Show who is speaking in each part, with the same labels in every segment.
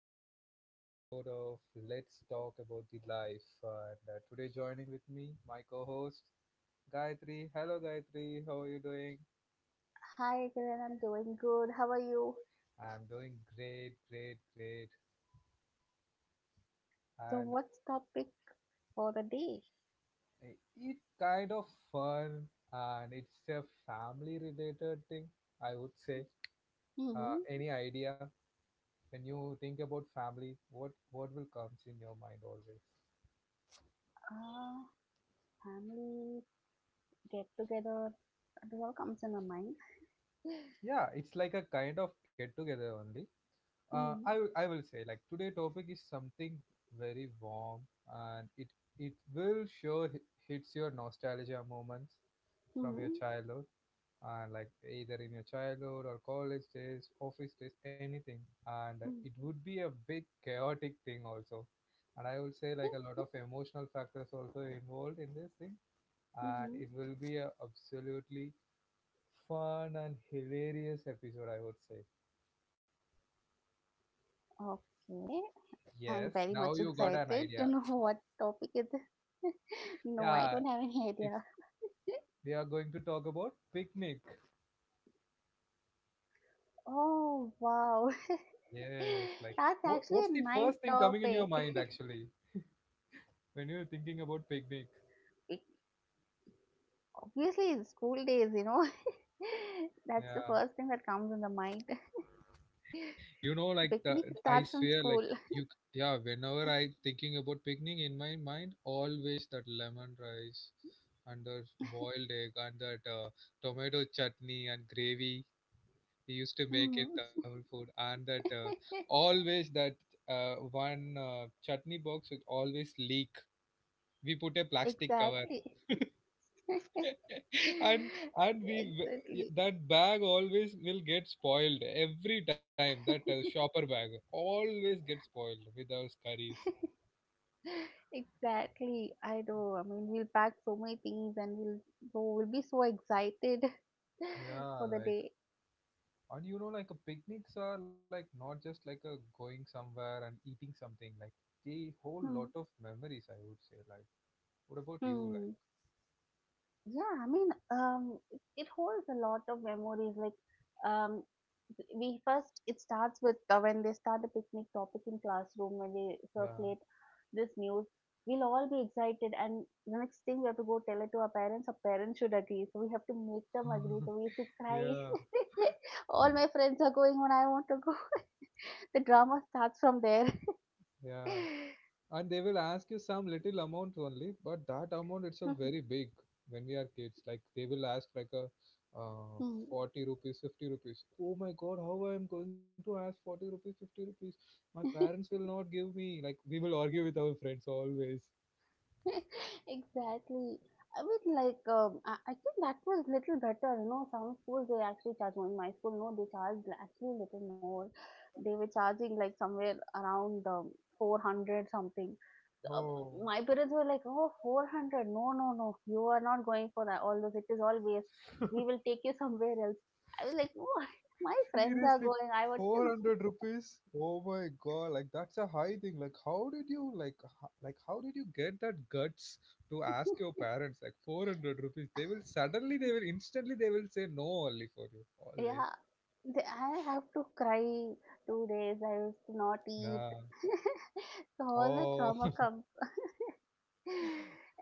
Speaker 1: back to the another episode of Let's Talk About the Life. And today joining with me, my co-host Gayatri. Hello Gayatri, how are you doing?
Speaker 2: Hi, Kiran. I'm doing good. How are you?
Speaker 1: I'm doing great, great, great.
Speaker 2: So,
Speaker 1: And
Speaker 2: what's topic for the day?
Speaker 1: it kind of fun and it's a family related thing, I would say.
Speaker 2: Hmm
Speaker 1: Any idea when you think about family, what what will comes in your mind always?
Speaker 2: Uh, family get together. It all comes in my mind.
Speaker 1: Yeah, it's like a kind of get together only.
Speaker 2: hmm
Speaker 1: I will say like today topic is something very warm and it will sure hits your nostalgia moments from your
Speaker 2: hmm
Speaker 1: childhood, and like either in your childhood or college days, office days, anything. And it would be a big chaotic thing also. And I will say like a lot of emotional factors also involved in this thing. And it will be a
Speaker 2: hmm
Speaker 1: absolutely fun and hilarious episode, I would say.
Speaker 2: Okay. I'm
Speaker 1: Yes,
Speaker 2: very
Speaker 1: now
Speaker 2: much
Speaker 1: you got an
Speaker 2: excited to
Speaker 1: idea.
Speaker 2: know what topic is. It. No, I
Speaker 1: Yeah,
Speaker 2: don't have any
Speaker 1: it's
Speaker 2: idea.
Speaker 1: we are going to talk about picnic.
Speaker 2: Oh, wow.
Speaker 1: Yes, like
Speaker 2: That's
Speaker 1: what's
Speaker 2: actually a
Speaker 1: the
Speaker 2: nice
Speaker 1: first thing coming in your
Speaker 2: topic.
Speaker 1: mind actually when you're thinking about picnic?
Speaker 2: It- Obviously, it's school days, you know. That's the first
Speaker 1: Yeah,
Speaker 2: thing that comes in the mind.
Speaker 1: you know, like the,
Speaker 2: Picnic
Speaker 1: I
Speaker 2: starts from
Speaker 1: swear, like
Speaker 2: school.
Speaker 1: yeah. Whenever I thinking about picnic in my mind, always that lemon rice and the boiled egg and that tomato chutney and gravy we used to make in
Speaker 2: Mhm.
Speaker 1: Tamil food, and that always that one chutney box would always leak, we put a plastic cover
Speaker 2: Exactly.
Speaker 1: and and we
Speaker 2: Exactly.
Speaker 1: that bag always will get spoiled every time, that shopper bag always gets spoiled with those curries.
Speaker 2: Exactly. I know. I mean, we'll pack so many things and we'll be so excited
Speaker 1: Yeah,
Speaker 2: for the
Speaker 1: like,
Speaker 2: day.
Speaker 1: and you know, like, a picnics are like not just like a going somewhere and eating something, like, the whole
Speaker 2: Hmm.
Speaker 1: lot of memories, I would say. Like, what about you? Like,
Speaker 2: Hmm. Yeah, I mean, it holds a lot of memories. Like, um, we first it starts with when they start the picnic topic in classroom when they circulate this news. We'll all be excited, and the next thing we have to go tell it to our parents. Our parents should agree, so we have to make them agree. So we have to
Speaker 1: yeah,
Speaker 2: cry.
Speaker 1: yeah,
Speaker 2: All my friends are going when I want to go. The drama starts from there.
Speaker 1: yeah. And they will ask you some little amount only, but that amount itself very big when we are kids. Like they will ask like a uh,
Speaker 2: Hmm.
Speaker 1: 40 rupees, 50 rupees. Oh my god, how I am going to ask 40 rupees, 50 rupees? My parents will not give me, like we will argue with our friends always.
Speaker 2: Exactly. I was like, I think that was little better. You know, some schools they actually charge more. In my school, no, they charged actually little more. They were charging like somewhere around 400 something. So, my
Speaker 1: Oh.
Speaker 2: parents were like, oh, 400. No, no, no. You are not going for that. All those, it is all waste. We will take you somewhere else. I was like, no, my friends are going.
Speaker 1: Seriously,
Speaker 2: I want to
Speaker 1: 400 rupees? Oh my god, like that's a high thing. Like how did you like like how did you get that guts to ask your parents like 400 rupees? They will suddenly they will instantly they will say no only for you. Always.
Speaker 2: Yeah, I have to cry 2 days. I used to not
Speaker 1: Yeah.
Speaker 2: eat. So all the
Speaker 1: Oh.
Speaker 2: trauma comes.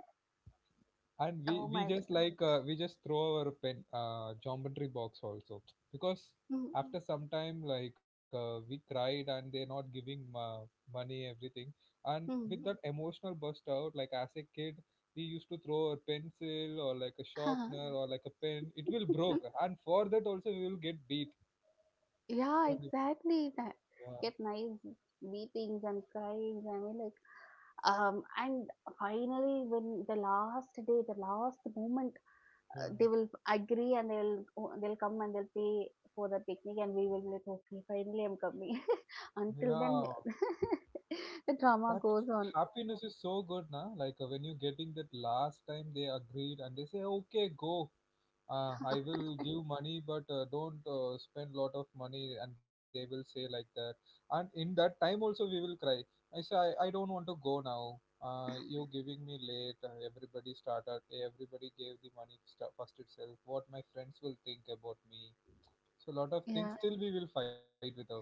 Speaker 1: And we
Speaker 2: Oh
Speaker 1: we
Speaker 2: my god.
Speaker 1: just like we just throw our pen geometry box also, because
Speaker 2: Mm,
Speaker 1: after some time like we cried and they're not giving money everything, and with
Speaker 2: mm,
Speaker 1: that emotional burst out like as a kid we used to throw a pencil or like a
Speaker 2: huh.
Speaker 1: sharpener or like a pen, it will
Speaker 2: Mm,
Speaker 1: broke, and for that also we will get beat.
Speaker 2: yeah,
Speaker 1: From the-
Speaker 2: exactly. That
Speaker 1: yeah
Speaker 2: get nice beatings and crying. I mean, like and finally when the last day, the last moment they
Speaker 1: yeah
Speaker 2: will agree and they'll come and they'll pay for the picnic and we will be like, okay, finally I'm coming. Until
Speaker 1: yeah,
Speaker 2: then the drama
Speaker 1: that
Speaker 2: goes on.
Speaker 1: happiness is so good now, like when you getting that last time, they agreed and they say okay go, I will give money, but don't spend lot of money, and they will say like that. And in that time also, we will cry. I say, I don't want to go now. You giving me late. Everybody started. Everybody gave the money first itself. What my friends will think about me? So lot of things.
Speaker 2: Yeah,
Speaker 1: Still, we will fight with our parents.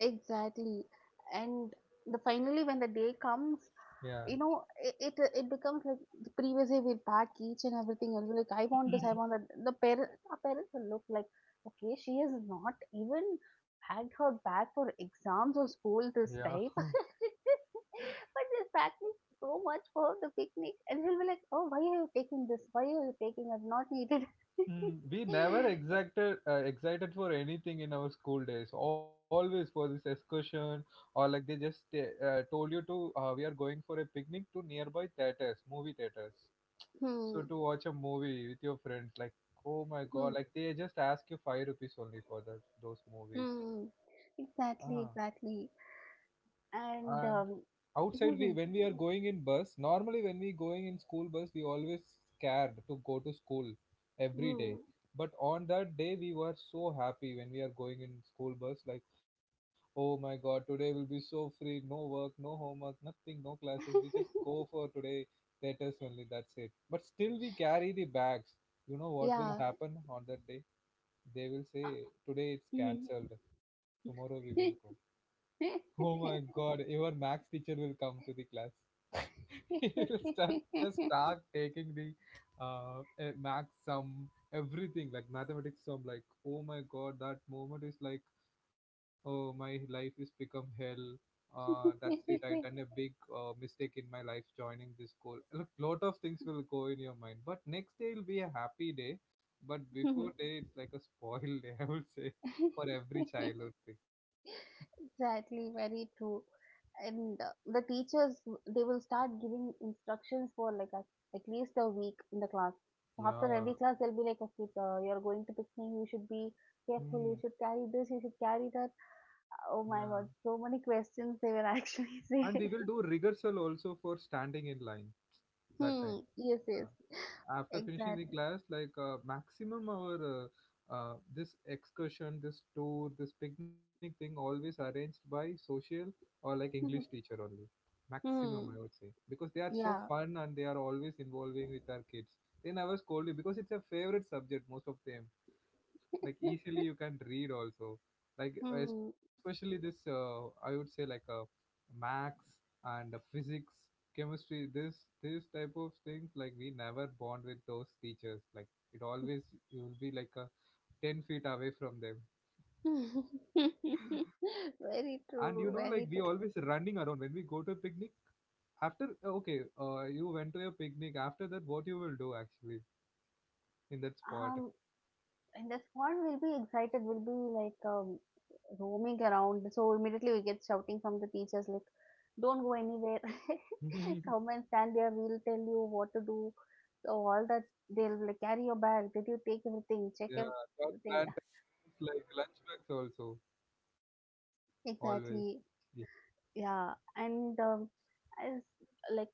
Speaker 2: exactly. And the finally when the day comes,
Speaker 1: Yeah,
Speaker 2: you know, it becomes like the previous day we pack each and everything and we're like, I want this, I want that. The parent our parents will look like, okay, she has not even packed her bag for exams or school
Speaker 1: yeah.
Speaker 2: this time, but she's packing so much for the picnic and she'll be like, oh, why are you taking this, why are you taking it, not needed.
Speaker 1: We never exacted excited for anything in our school days. Always for this excursion, or like they just told you to we are going for a picnic to nearby theaters, movie theaters.
Speaker 2: Hmm,
Speaker 1: So to watch a movie with your friends, like oh my
Speaker 2: hmm,
Speaker 1: god, like they just ask you five rupees only for that those movies.
Speaker 2: hmm.
Speaker 1: Ah,
Speaker 2: Exactly, exactly. And
Speaker 1: and outside we
Speaker 2: hmm,
Speaker 1: when we are going in bus, normally when we going in school bus we always scared to go to school every day,
Speaker 2: hmm.
Speaker 1: but on that day we were so happy when we are going in school bus. Like oh my god, today will be so free, no work, no homework, nothing, no classes, we just go for today, that is only, that's it. But still we carry the bags. You know what will
Speaker 2: Yeah
Speaker 1: happen on that day? They will say today it's
Speaker 2: Mhm.
Speaker 1: cancelled, tomorrow we will go. Oh my god, your max teacher will come to the class, you will start just start taking the max sum everything, like mathematics sum. Like oh my god, that moment is like oh my life is become hell, that's it. I done a big mistake in my life joining this call. Look, lot of things will go in your mind, but next day will be a happy day, but before day it's like a spoiled day, I would say, for every childhood thing.
Speaker 2: Exactly, very true. And the teachers, they will start giving instructions for like a, at least a week in the class. So after
Speaker 1: Yeah.
Speaker 2: every class, they'll be like, okay, you're going to picnic, you should be careful,
Speaker 1: Hmm.
Speaker 2: you should carry this, you should carry that.
Speaker 1: Yeah.
Speaker 2: Oh my God, so many questions they will actually
Speaker 1: And we
Speaker 2: say.
Speaker 1: will do rehearsal also for standing in line that
Speaker 2: Hmm,
Speaker 1: time.
Speaker 2: yes, yes,
Speaker 1: Uh, After finishing the
Speaker 2: exactly.
Speaker 1: class like maximum our this excursion, this tour, this picnic thing always arranged by social or like English teacher only, maximum
Speaker 2: Hmm,
Speaker 1: I would say, because they are so
Speaker 2: yeah.
Speaker 1: fun and they are always involving with our kids. They never scold you because it's a favorite subject most of them, like easily you can read also, like
Speaker 2: Hmm.
Speaker 1: especially this I would say like max and physics, chemistry, this type of things, like we never bond with those teachers. Like it always you will be like 10 feet away from them. And
Speaker 2: Very
Speaker 1: you know, like
Speaker 2: true,
Speaker 1: we
Speaker 2: very
Speaker 1: always
Speaker 2: true.
Speaker 1: running around when we go to picnic. After okay, you went to your picnic, after that what you will do actually in that spot?
Speaker 2: Um, in the squad, we'll be excited. We'll be like, roaming around. So immediately we get shouting from the teachers like, "Don't go anywhere. Come and stand there. We'll tell you what to do." So all that they'll be like, "Carry your bag. Did you take everything? Check
Speaker 1: Yeah, that,
Speaker 2: everything."
Speaker 1: that is like lunchbox also always.
Speaker 2: Exactly. Yeah, and as like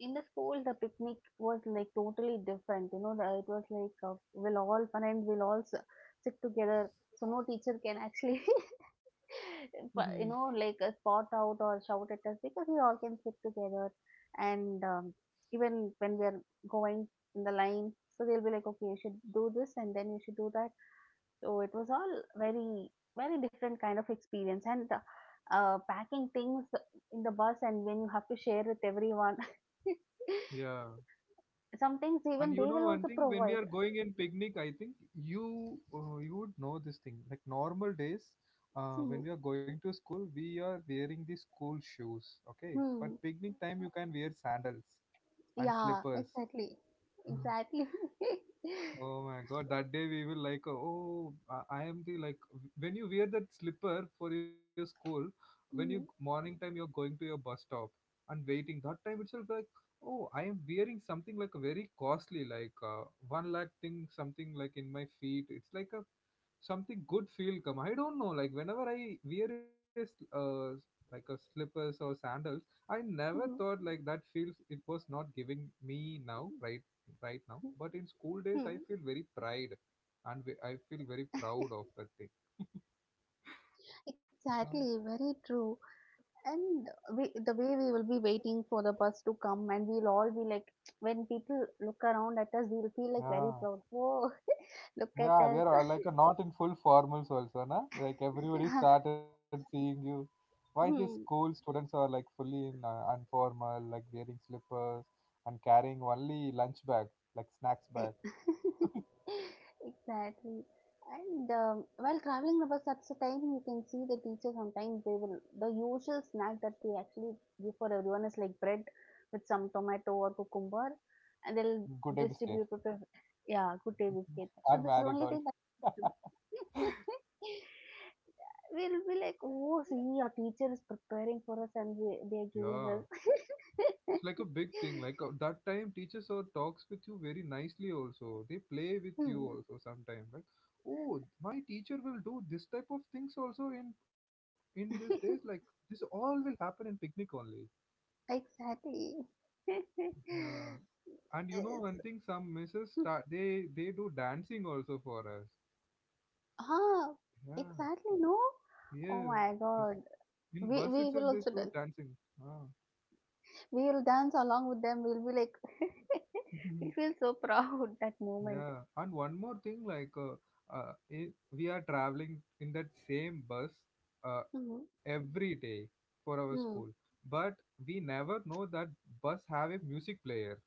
Speaker 2: in the school the picnic was like totally different, you know, the, it was like we'll all friends we'll all s- sit together so no teacher can actually
Speaker 1: Yeah.
Speaker 2: but, you know, like spot out or shout at us because we all can sit together, and even when we are going in the line, so they'll be like, okay, you should do this and then you should do that. So it was all very very different kind of experience, and packing things in the bus, and when you have to share with everyone.
Speaker 1: Yeah,
Speaker 2: Sometimes
Speaker 1: and you
Speaker 2: even they
Speaker 1: know
Speaker 2: will
Speaker 1: one
Speaker 2: also
Speaker 1: thing, when we are
Speaker 2: provide.
Speaker 1: going in picnic, I think you you would know this thing. Like normal days, when
Speaker 2: Hmm.
Speaker 1: we are going to school, we are wearing the school shoes, okay? But
Speaker 2: Hmm.
Speaker 1: picnic time, you can wear sandals and
Speaker 2: Yeah,
Speaker 1: slippers.
Speaker 2: exactly. Exactly.
Speaker 1: Oh my god, that day we will like, oh, I am the like, when you wear that slipper for your school, when you
Speaker 2: Hmm.
Speaker 1: morning time you're going to your bus stop and waiting, that time itself like, oh, I am wearing something like a very costly, like one lakh thing, something like in my feet. It's like a something good feel come. I don't know, like whenever I wear a like a slippers or sandals, I never
Speaker 2: Hmm.
Speaker 1: thought like that feels, it was not giving me now right right now. But in school days,
Speaker 2: Hmm.
Speaker 1: I feel very pride and I feel very proud of that thing. Mm.
Speaker 2: Exactly, very true. And we, the way we will be waiting for the bus to come, and we'll all be like, when people look around at us, we'll feel like very
Speaker 1: Yeah,
Speaker 2: proud. Whoa, look at
Speaker 1: yeah, we
Speaker 2: us.
Speaker 1: are all like not in full formals also, na? Like everybody started seeing you. Why these school
Speaker 2: Hmm.
Speaker 1: students are like fully in informal, like wearing slippers and carrying only lunch bag, like snacks bag,
Speaker 2: E- Exactly. And while traveling about such a time, you can see the teachers. Sometimes they will, the usual snack that they actually give for everyone is like bread with some tomato or cucumber, and they'll
Speaker 1: good day biscuit,
Speaker 2: distribute it with, yeah, good day biscuit. So
Speaker 1: or
Speaker 2: this is the only
Speaker 1: marigold.
Speaker 2: thing that we'll be like, oh, see, our teacher is preparing for us and they are giving
Speaker 1: Yeah.
Speaker 2: us.
Speaker 1: It's like a big thing, like that time teachers talks with you very nicely also, they play with you
Speaker 2: Hmm.
Speaker 1: also sometimes. Like oh, my teacher will do this type of things also in these days, like this all will happen in picnic only.
Speaker 2: Exactly.
Speaker 1: Yeah. And you know one
Speaker 2: It's,
Speaker 1: thing, some misses start, they do dancing also for us.
Speaker 2: huh,
Speaker 1: Yeah,
Speaker 2: exactly, no? Oh
Speaker 1: yes,
Speaker 2: my God.
Speaker 1: in bus itself they
Speaker 2: We
Speaker 1: do
Speaker 2: will also
Speaker 1: dancing.
Speaker 2: dance.
Speaker 1: Ah.
Speaker 2: We will dance along with them. We'll be like, we feel so proud that moment.
Speaker 1: Yeah, and one more thing, like we are traveling in that same bus
Speaker 2: Mhm.
Speaker 1: every day for our school,
Speaker 2: Hmm.
Speaker 1: but we never know that bus have a music player.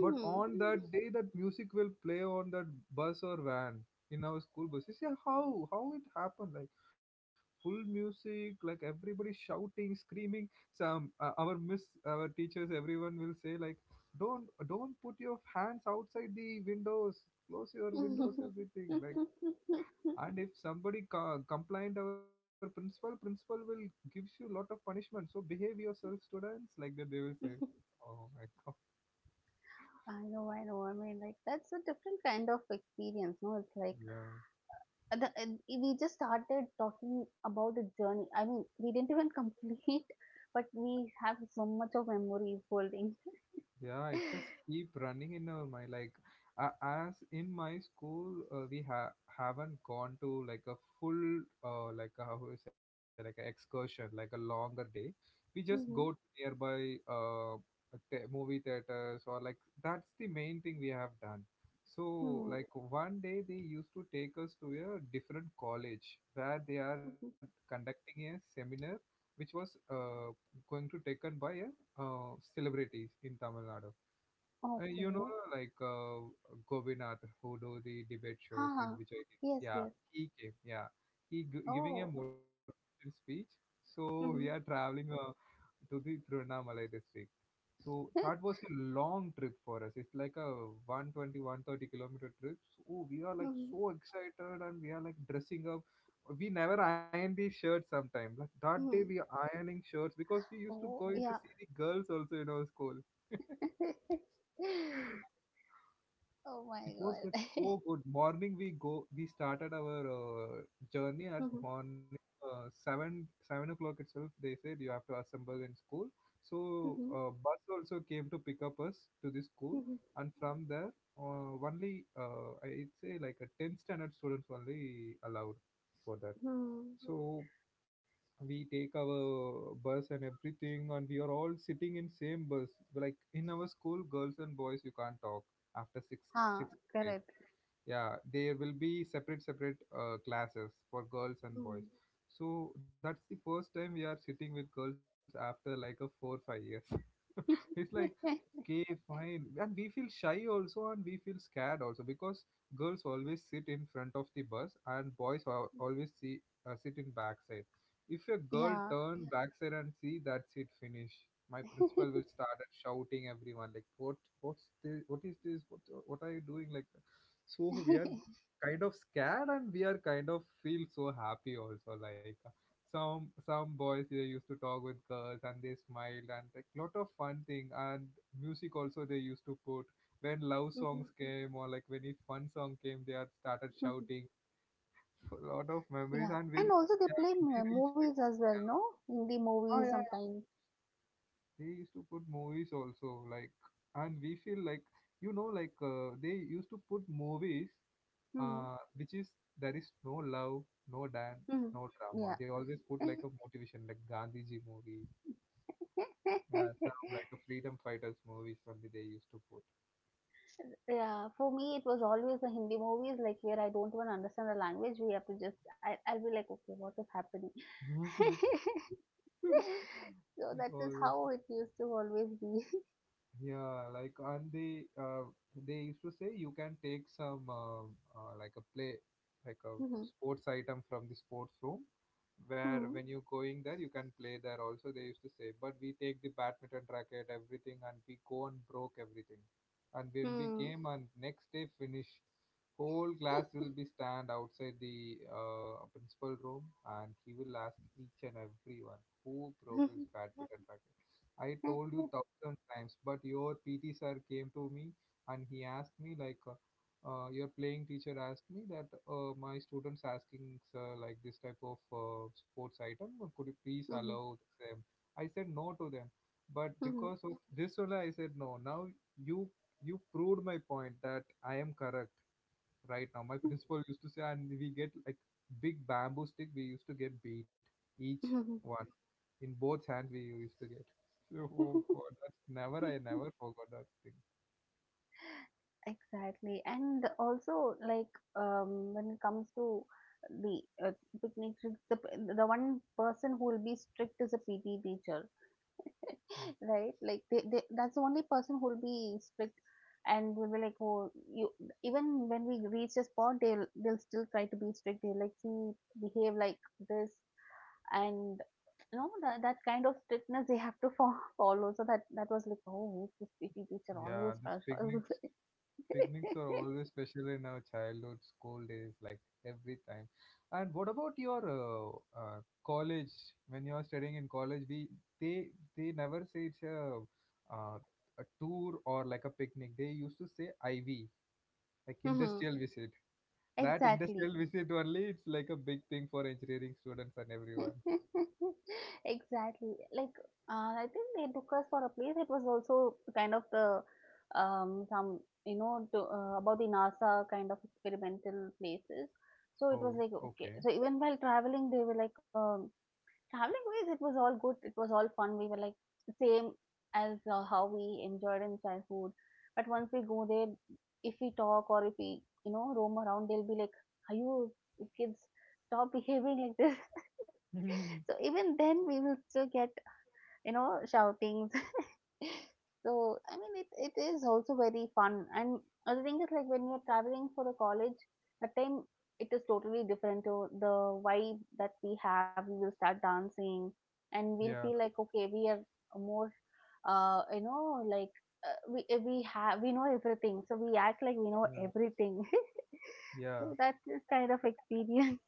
Speaker 1: But on that day, that music will play on that bus or van in our school buses. Yeah, how it happened? Like full music, like everybody shouting, screaming. Some our teachers, everyone will say like, don't put your hands outside the windows, close your windows, everything. Like, and if somebody complained our principal, principal will gives you lot of punishment. So behave yourself, students. Like that, they will say. Oh my god.
Speaker 2: I know, I know. I mean, like, that's a different kind of experience, no? It's like,
Speaker 1: Yeah.
Speaker 2: the and we just started talking about the journey. I mean, we didn't even complete, but we have so much of memories holding.
Speaker 1: Yeah, it just keep running in our mind. Like, as in my school, haven't gone to like a full, like a, how do you say, like an excursion, like a longer day. We just go to
Speaker 2: Mm-hmm.
Speaker 1: nearby movie theaters, or like that's the main thing we have done. So
Speaker 2: Hmm.
Speaker 1: like one day they used to take us to a different college where they are
Speaker 2: Mhm.
Speaker 1: conducting a seminar, which was going to taken by a celebrities in Tamil Nadu. You know,
Speaker 2: Okay.
Speaker 1: like Govinath, who do the debate shows in
Speaker 2: Huh.
Speaker 1: Vijay.
Speaker 2: Yes,
Speaker 1: Yeah,
Speaker 2: yes.
Speaker 1: he came. Yeah, he giving a
Speaker 2: Oh.
Speaker 1: motivation speech. So we are
Speaker 2: Mm-hmm.
Speaker 1: traveling to the Tiruvannamalai district. So that was a long trip for us. It's like a 120 130 kilometer trip. So we are like
Speaker 2: Mm-hmm.
Speaker 1: so excited and we are like dressing up. We never iron these shirts sometimes. Like that day we
Speaker 2: Hmm.
Speaker 1: are ironing shirts because we used to go
Speaker 2: Oh,
Speaker 1: to
Speaker 2: yeah.
Speaker 1: see the girls also in our school.
Speaker 2: Oh
Speaker 1: It
Speaker 2: my
Speaker 1: was like
Speaker 2: God.
Speaker 1: so good. Morning we started our journey at
Speaker 2: Mm-hmm.
Speaker 1: morning seven o'clock itself. They said you have to assemble in school. So
Speaker 2: Mm-hmm.
Speaker 1: bus also came to pick up us to the school,
Speaker 2: Mm-hmm.
Speaker 1: and from there only I'd say like a 10 standard students only allowed for that.
Speaker 2: Hmm.
Speaker 1: So we take our bus and everything, and we are all sitting in same bus. Like in our school, girls and boys you can't talk after
Speaker 2: Huh.
Speaker 1: sixth grade.
Speaker 2: Correct.
Speaker 1: Yeah, there will be separate classes for girls and boys.
Speaker 2: Hmm.
Speaker 1: So that's the first time we are sitting with girls after like a 4 5 years. It's like okay fine, and we feel shy also and we feel scared also, because girls always sit in front of the bus and boys always see, sit in backside. If a girl
Speaker 2: Yeah.
Speaker 1: turn backside and see, that's it, finish. My principal will start at shouting everyone like what, what's this, what is this, what are you doing, like that. So we are kind of scared and we are kind of feel so happy also, like some boys they used to talk with girls and they smiled and like lot of fun thing, and music also they used to put. When love
Speaker 2: Mm-hmm.
Speaker 1: songs came, or like when a fun song came, they had started shouting. A lot of memories.
Speaker 2: Yeah,
Speaker 1: And when
Speaker 2: and also they
Speaker 1: yeah,
Speaker 2: play
Speaker 1: when we reached the,
Speaker 2: movies as well, no? Hindi
Speaker 1: oh, yeah,
Speaker 2: movies
Speaker 1: yeah,
Speaker 2: sometimes.
Speaker 1: they used to put movies also, like, and we feel like, like they used to put movies,
Speaker 2: Mm-hmm.
Speaker 1: which is, there is no love, no dance,
Speaker 2: Mm-hmm.
Speaker 1: no drama.
Speaker 2: Yeah.
Speaker 1: They always put like a motivation, like gandhiji movie. Yeah, some like a freedom fighters movies only they used to put.
Speaker 2: Yeah, for me it was always the Hindi movies like where I don't even understand the language. We have to just I'll be like, okay, what is happening? So
Speaker 1: it
Speaker 2: that is
Speaker 1: always
Speaker 2: how it used to always be.
Speaker 1: Yeah, like, and they used to say you can take some like a play, like a sports item from the sports room, where
Speaker 2: Hmm.
Speaker 1: when you going there you can play there also, they used to say. But we take the badminton racket everything and we go and broke everything. And when we
Speaker 2: Hmm
Speaker 1: came and next day, finish, whole class will be stand outside the principal room, and he will ask each and everyone who broke
Speaker 2: Hmm.
Speaker 1: his badminton racket. I told you thousand times, but your PT sir came to me and he asked me like, your playing teacher asked me that, my students asking sir like this type of sports item, could you please
Speaker 2: hmm
Speaker 1: allow them? I said no to them, but
Speaker 2: hmm
Speaker 1: because of this only I said no. Now you you proved my point that I am correct right now. My principal used to say, and we get like big bamboo stick. We used to get beat, each
Speaker 2: hmm
Speaker 1: one in both hands. We used to get. So, oh God,
Speaker 2: hmm
Speaker 1: that's never. I never forgot that thing.
Speaker 2: Exactly. And also, like, when it comes to the picnic trips, the one person who will be strict is a P. T. teacher, right? Like, that's the only person who will be strict and will be like, oh, you, even when we reach a spot, they'll still try to be strict. They'll like, see, behave like this. And, you know, that kind of strictness they have to follow. So that was like, oh, who's this PT teacher
Speaker 1: Yeah,
Speaker 2: always
Speaker 1: these
Speaker 2: special?
Speaker 1: picnics picnics are always special in our childhood, school days, like every time. And what about your college? When you are studying in college, we they they never say it's a uh, tour or like a picnic. They used to say IV, like industrial visit. That
Speaker 2: Exactly.
Speaker 1: industrial visit only, it's like a big thing for engineering students and everyone.
Speaker 2: Exactly. Like, I think they took us for a place. It was also kind of the some you know to, about the NASA kind of experimental places.
Speaker 1: Oh,
Speaker 2: So it was like,
Speaker 1: okay.
Speaker 2: okay. So even while traveling, they were like um. Traveling wise, it was all good. It was all fun. We were like same as how we enjoyed in childhood. But once we go there, if we talk or if we, you know, roam around, they'll be like, "Are you kids? Stop behaving like this." So even then, we will still get, you know, shoutings. So I mean it is also very fun, and other thing is like when you're traveling for the college, that time it is totally different to the vibe that we have. We will start dancing and we'll feel
Speaker 1: Yeah,
Speaker 2: like, okay, we are more you know like we have we know everything, so we act like we know
Speaker 1: yeah,
Speaker 2: everything.
Speaker 1: yeah.
Speaker 2: So that's this kind of experience.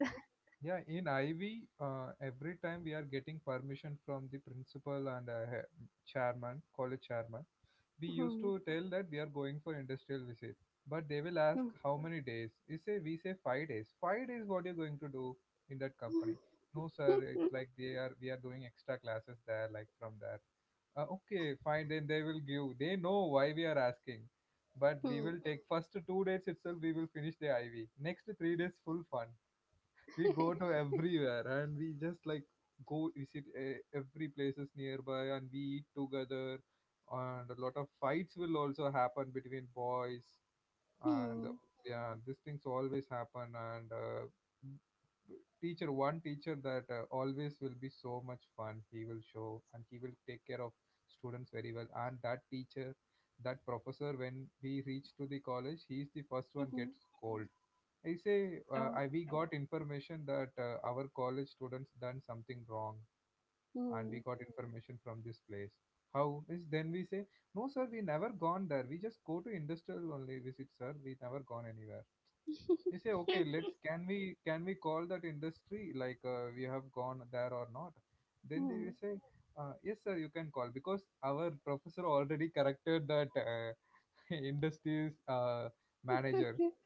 Speaker 1: Yeah, in IV, every time we are getting permission from the principal and chairman, college chairman. We used
Speaker 2: Hmm.
Speaker 1: to tell that we are going for industrial visit, but they will ask
Speaker 2: Hmm.
Speaker 1: how many days. We say 5 days. 5 days, what are you going to do in that company? No, sir. It's like they are we are doing extra classes there, like from there. Okay, fine. Then they will give. They know why we are asking, but we
Speaker 2: Hmm.
Speaker 1: will take first 2 days itself. We will finish the IV. Next 3 days, full fun, we go
Speaker 2: Hmm.
Speaker 1: to everywhere and we just like go visit every places nearby and we eat together, and a lot of fights will also happen between boys and
Speaker 2: Hmm.
Speaker 1: yeah, these things always happen, and b- teacher one teacher that always will be so much fun, he will show, and he will take care of students very well. And that professor, when we reach to the college, he is the first one
Speaker 2: Mhm.
Speaker 1: gets cold. I say
Speaker 2: Oh,
Speaker 1: we got information that our college students done something wrong, and
Speaker 2: Mm.
Speaker 1: we got information from this place. How is, then we say, no sir, we never gone there, we just go to industrial only visit sir, we never gone anywhere. They say okay, let's can we call that industry, like we have gone there or not? Then they
Speaker 2: Mm.
Speaker 1: will say, yes sir, you can call, because our professor already corrected that industries manager.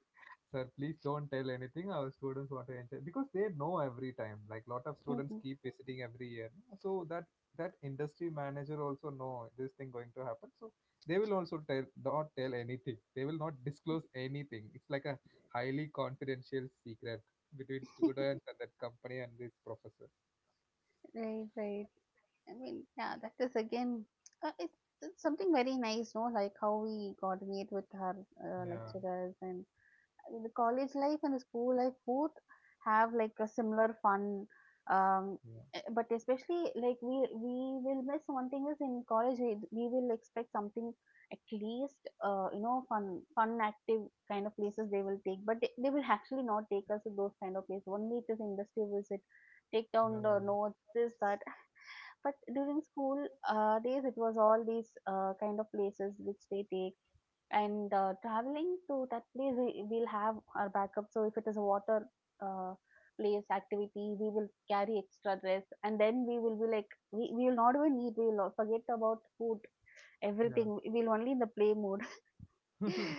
Speaker 1: Sir, please don't tell anything. Our students want to enjoy, because they know every time. Like lot of students
Speaker 2: Mhm.
Speaker 1: keep visiting every year, no? So that industry manager also know this thing going to happen. So they will also tell not tell anything. They will not disclose anything. It's like a highly confidential secret between students and that company and this professor.
Speaker 2: Right, right. I mean, yeah, that is again, it's something very nice, no? Like how we coordinate with our
Speaker 1: Yeah,
Speaker 2: lecturers and The college life and the school life both have like a similar fun. Um,
Speaker 1: yeah,
Speaker 2: but especially like we will miss one thing is in college we will expect something at least you know fun fun active kind of places they will take, but they will actually not take us to those kind of places. Only it is industry visit, take down the
Speaker 1: yeah,
Speaker 2: notes, this that. But during school days it was all these kind of places which they take, and traveling to that place, we'll have our backup. So if it is a water uh, place activity, we will carry extra dress, and then we will be like, we will not even need. We will forget about food, everything. We will only in the play mode.
Speaker 1: yeah.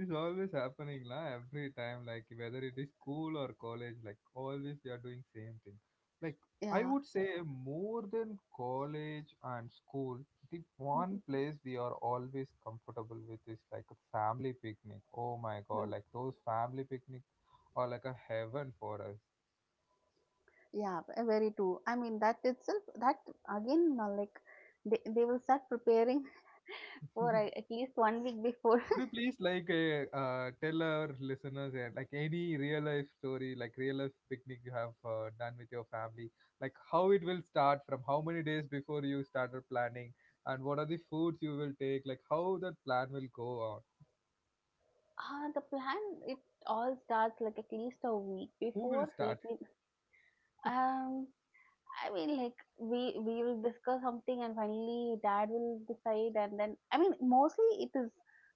Speaker 1: This always happening la every time, like whether it is school or college, like always they are doing same thing. Like I
Speaker 2: Yeah.
Speaker 1: would say, more than college and school, the one
Speaker 2: Mhm.
Speaker 1: place we are always comfortable with is like a family picnic. Oh my god,
Speaker 2: Mm,
Speaker 1: like those family picnic are like a heaven for us.
Speaker 2: Yeah, very true. I mean, that itself, that again, like they will start preparing for at least 1 week before.
Speaker 1: Could you please like tell our listeners, like any real life story, like real life picnic you have done with your family, like how it will start, from how many days before you started planning, and what are the foods you will take, like how that plan will go on,
Speaker 2: Ah, the plan, it all starts like at least a week
Speaker 1: who will
Speaker 2: before.
Speaker 1: start?
Speaker 2: Like, we, um, I mean, like we will discuss something, and finally, dad will decide, and then I mean, mostly it is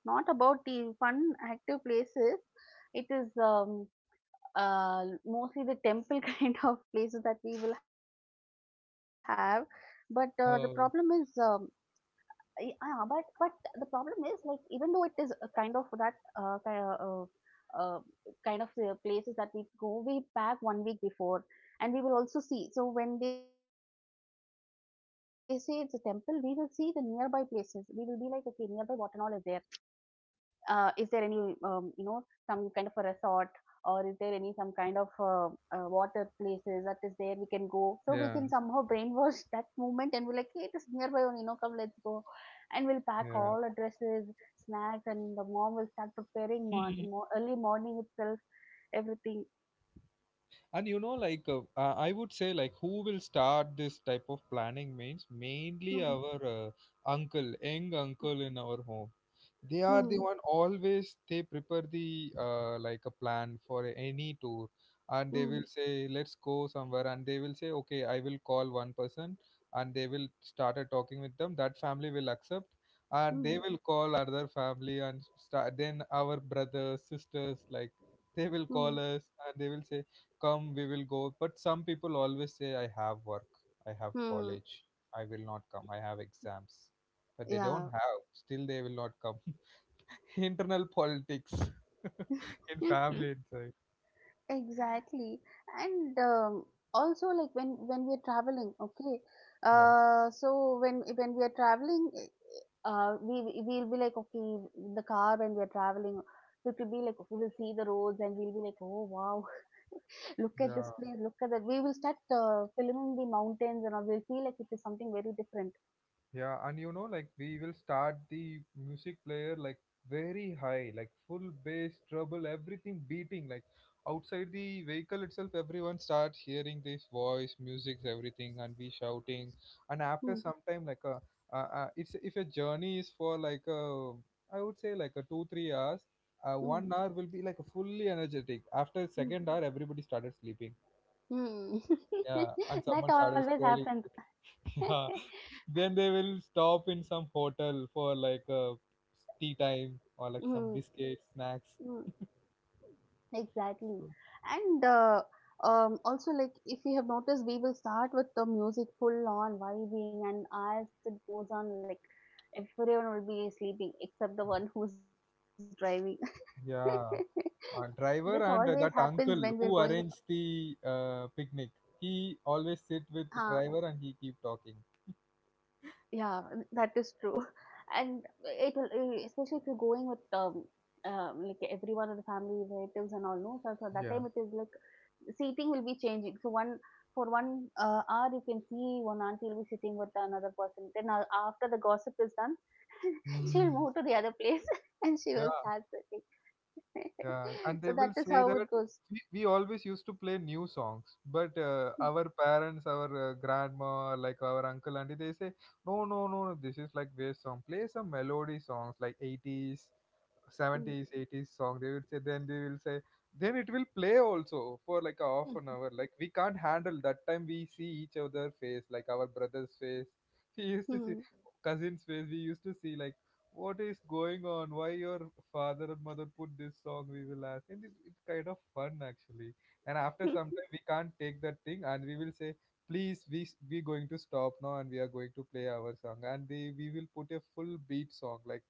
Speaker 2: not about the fun active places. It is mostly the temple kind of places that we will have, but the problem is um
Speaker 1: Oh,
Speaker 2: Y- Yeah, but but the problem is like even though it is a kind of that uh, kind of the places that we go, we pack 1 week before, and we will also see. So when they say it's a temple, we will see the nearby places. We will be like, okay, nearby Watanal is there, is there any some kind of a resort, or is there any some kind of water places that is there we can go, so we
Speaker 1: yeah,
Speaker 2: can somehow brainwash that moment and we like, hey, it is nearby only, come, let's go, and we'll pack
Speaker 1: yeah.
Speaker 2: all our dresses, snacks, and the mom will start preparing early morning itself, everything.
Speaker 1: And like I would say, like who will start this type of planning means, mainly
Speaker 2: Hmm.
Speaker 1: our uncle, young uncle in our home. They are the
Speaker 2: Hmm.
Speaker 1: one, always they prepare the like a plan for any tour, and they
Speaker 2: Hmm.
Speaker 1: will say let's go somewhere, and they will say okay I will call one person, and they will started talking with them, that family will accept, and they
Speaker 2: Hmm.
Speaker 1: will call other family, and start. Then our brothers sisters, like they will
Speaker 2: Hmm.
Speaker 1: call us and they will say come, we will go, but some people always say I have work, I have
Speaker 2: Hmm.
Speaker 1: college, I will not come, I have exams, but they
Speaker 2: Yeah.
Speaker 1: don't have, still they will not come. Internal politics in family inside.
Speaker 2: Exactly. And also like when we are traveling, okay.
Speaker 1: Yeah.
Speaker 2: So when we are traveling, we'll be like, okay, the car, when we are traveling, we could be like, okay, we'll see the roads and we'll be like, oh wow, look at this
Speaker 1: Yeah.
Speaker 2: place, look at that. We will start filming the mountains and all. We'll feel like it is something very different.
Speaker 1: Yeah, and like we will start the music player like very high, like full bass, treble, everything beating. Like outside the vehicle itself, everyone starts hearing this voice, music, everything, and we shouting. And
Speaker 2: Hmm.
Speaker 1: after some time, like a, it's if a journey is for like a, I would say, like a 2 3 hours.
Speaker 2: Hmm.
Speaker 1: 1 hour will be like fully energetic. After
Speaker 2: Hmm.
Speaker 1: second hour, everybody started sleeping.
Speaker 2: Hmm.
Speaker 1: Yeah, and
Speaker 2: That
Speaker 1: someone started
Speaker 2: always
Speaker 1: scrolling.
Speaker 2: happens.
Speaker 1: Yeah, then they will stop in some hotel for like a tea time, or like some
Speaker 2: Hmm.
Speaker 1: biscuits, snacks.
Speaker 2: Hmm. Exactly.
Speaker 1: So,
Speaker 2: And Also, like, if you have noticed, we will start with the music full on vibing, and as it goes on, like, everyone will be sleeping except the one who's driving.
Speaker 1: yeah,
Speaker 2: This always
Speaker 1: driver and
Speaker 2: happens when
Speaker 1: that
Speaker 2: we're
Speaker 1: uncle
Speaker 2: going.
Speaker 1: who arranged the picnic, he always sit
Speaker 2: Huh,
Speaker 1: with the driver and he keep talking.
Speaker 2: yeah, that is true. And it will, especially if you're going with like everyone in the family, relatives, and all, no, so that
Speaker 1: Yeah.
Speaker 2: time it is like seating will be changing. So one for one hour, you can see one auntie will be sitting with another person. Then after the gossip is done, she'll
Speaker 1: Mm.
Speaker 2: move to the other place and she will
Speaker 1: Yeah,
Speaker 2: start sitting.
Speaker 1: yeah. And they
Speaker 2: So that
Speaker 1: will
Speaker 2: is
Speaker 1: say
Speaker 2: how
Speaker 1: that
Speaker 2: it goes.
Speaker 1: we always used to play new songs, but our parents, our grandma, like our uncle, auntie, they say, no, no, no, no, this is like waste song. Play some melody songs like 80s, 70s 80s song they will say, then they will say then it will play also for like a half an hour. Like we can't handle that time, we see each other face like our brother's face, we used
Speaker 2: Mm,
Speaker 1: to see
Speaker 2: mm,
Speaker 1: cousin's face, we used to see like what is going on, why your father and mother put this song, we will ask. And it's kind of fun actually. And after
Speaker 2: mm.
Speaker 1: some time we can't take that thing and we will say, please, we going to stop now and we are going to play our song. And they, we will put a full beat song, like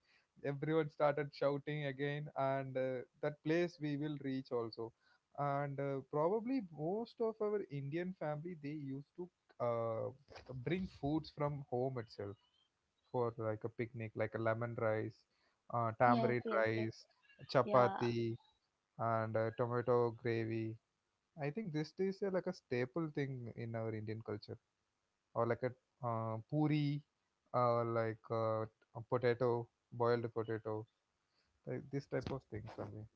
Speaker 1: everyone started shouting again. And that place we will reach also. And probably most of our Indian family they used to uh, bring foods from home itself, for like a picnic, like a lemon rice,
Speaker 2: Yes,
Speaker 1: tamarind
Speaker 2: yes, yes.
Speaker 1: rice,
Speaker 2: Yeah,
Speaker 1: chapati, and tomato gravy. I think this is like a staple thing in our Indian culture. Or like a puri, uh, like uh, a potato, boiled potato, like this type of things, I mean.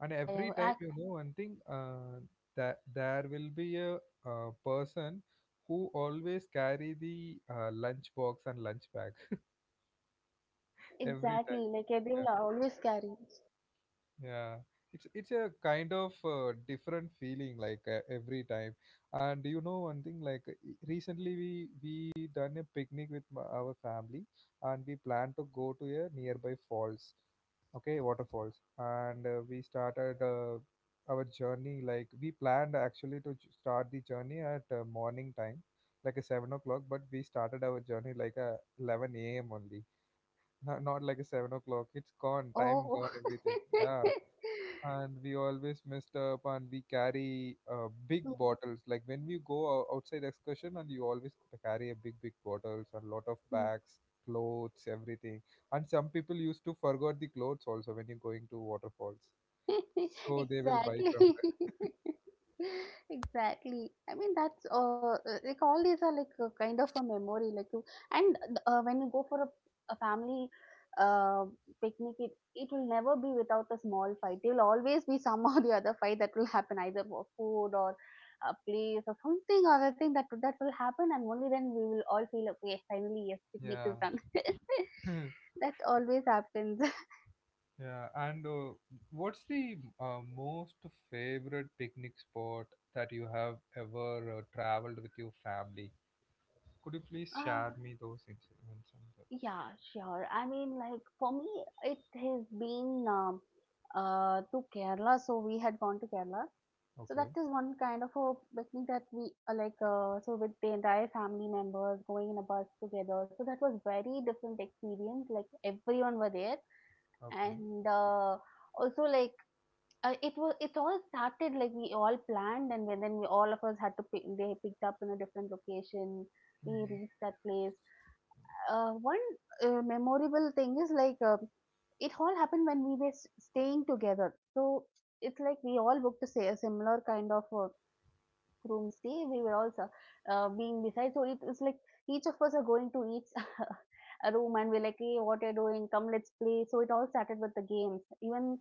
Speaker 1: And
Speaker 2: yeah,
Speaker 1: every
Speaker 2: yeah.
Speaker 1: time, you know one thing, that there will be a, person who always carry the lunch box and lunch bag, every time.
Speaker 2: Exactly. Like they will always carry.
Speaker 1: Yeah, it's a kind of different feeling, like every time. And you know one thing? Like recently we done a picnic with our family, and we plan to go to a nearby falls, okay, waterfalls. And we started our journey. Like we planned actually to start the journey at morning time, like a 7 o'clock. But we started our journey like a 11 a.m. only. Not like a 7 o'clock. It's gone. Time
Speaker 2: Oh.
Speaker 1: gone. Everything. Yeah. And we always messed up, and we carry big
Speaker 2: Mm,
Speaker 1: bottles like when we go outside excursion. And you always carry a big bottles and lot of
Speaker 2: mm.
Speaker 1: bags, clothes, everything. And some people used to forgot the clothes also when you're going to waterfalls, so they will buy
Speaker 2: Exactly.
Speaker 1: from
Speaker 2: Exactly, I mean that's like, all these are like a kind of a memory, like you. And when you go for a family uh picnic, it will never be without a small fight. There will always be some or the other fight that will happen, either for food or a place or something or other thing, that that will happen, and only then we will all feel, okay, finally, yes, picnic is
Speaker 1: there.
Speaker 2: done.
Speaker 1: Yeah.
Speaker 2: That always happens.
Speaker 1: Yeah, and what's the most favorite picnic spot that you have ever traveled with your family? Could you please
Speaker 2: Ah.
Speaker 1: share me those incidents on that?
Speaker 2: Yeah, sure. I mean, like for me, it has been to Kerala. So we had gone to Kerala. So that
Speaker 1: Okay.
Speaker 2: is one kind of a picnic that we like. So with the entire family members going in a bus together. So that was very different experience. Like everyone were there,
Speaker 1: Okay.
Speaker 2: and also like it was. It all started like we all planned, and then we all of us had to pick. They picked up in a different location, we
Speaker 1: Mhm.
Speaker 2: reached that place. One memorable thing is like, it all happened when we were staying together. So it's like we all booked a a similar kind of room stay, we were also being beside. So it was like each of us are going to each a room and we're like, hey, what are you doing? Come, let's play. So it all started with the games. Even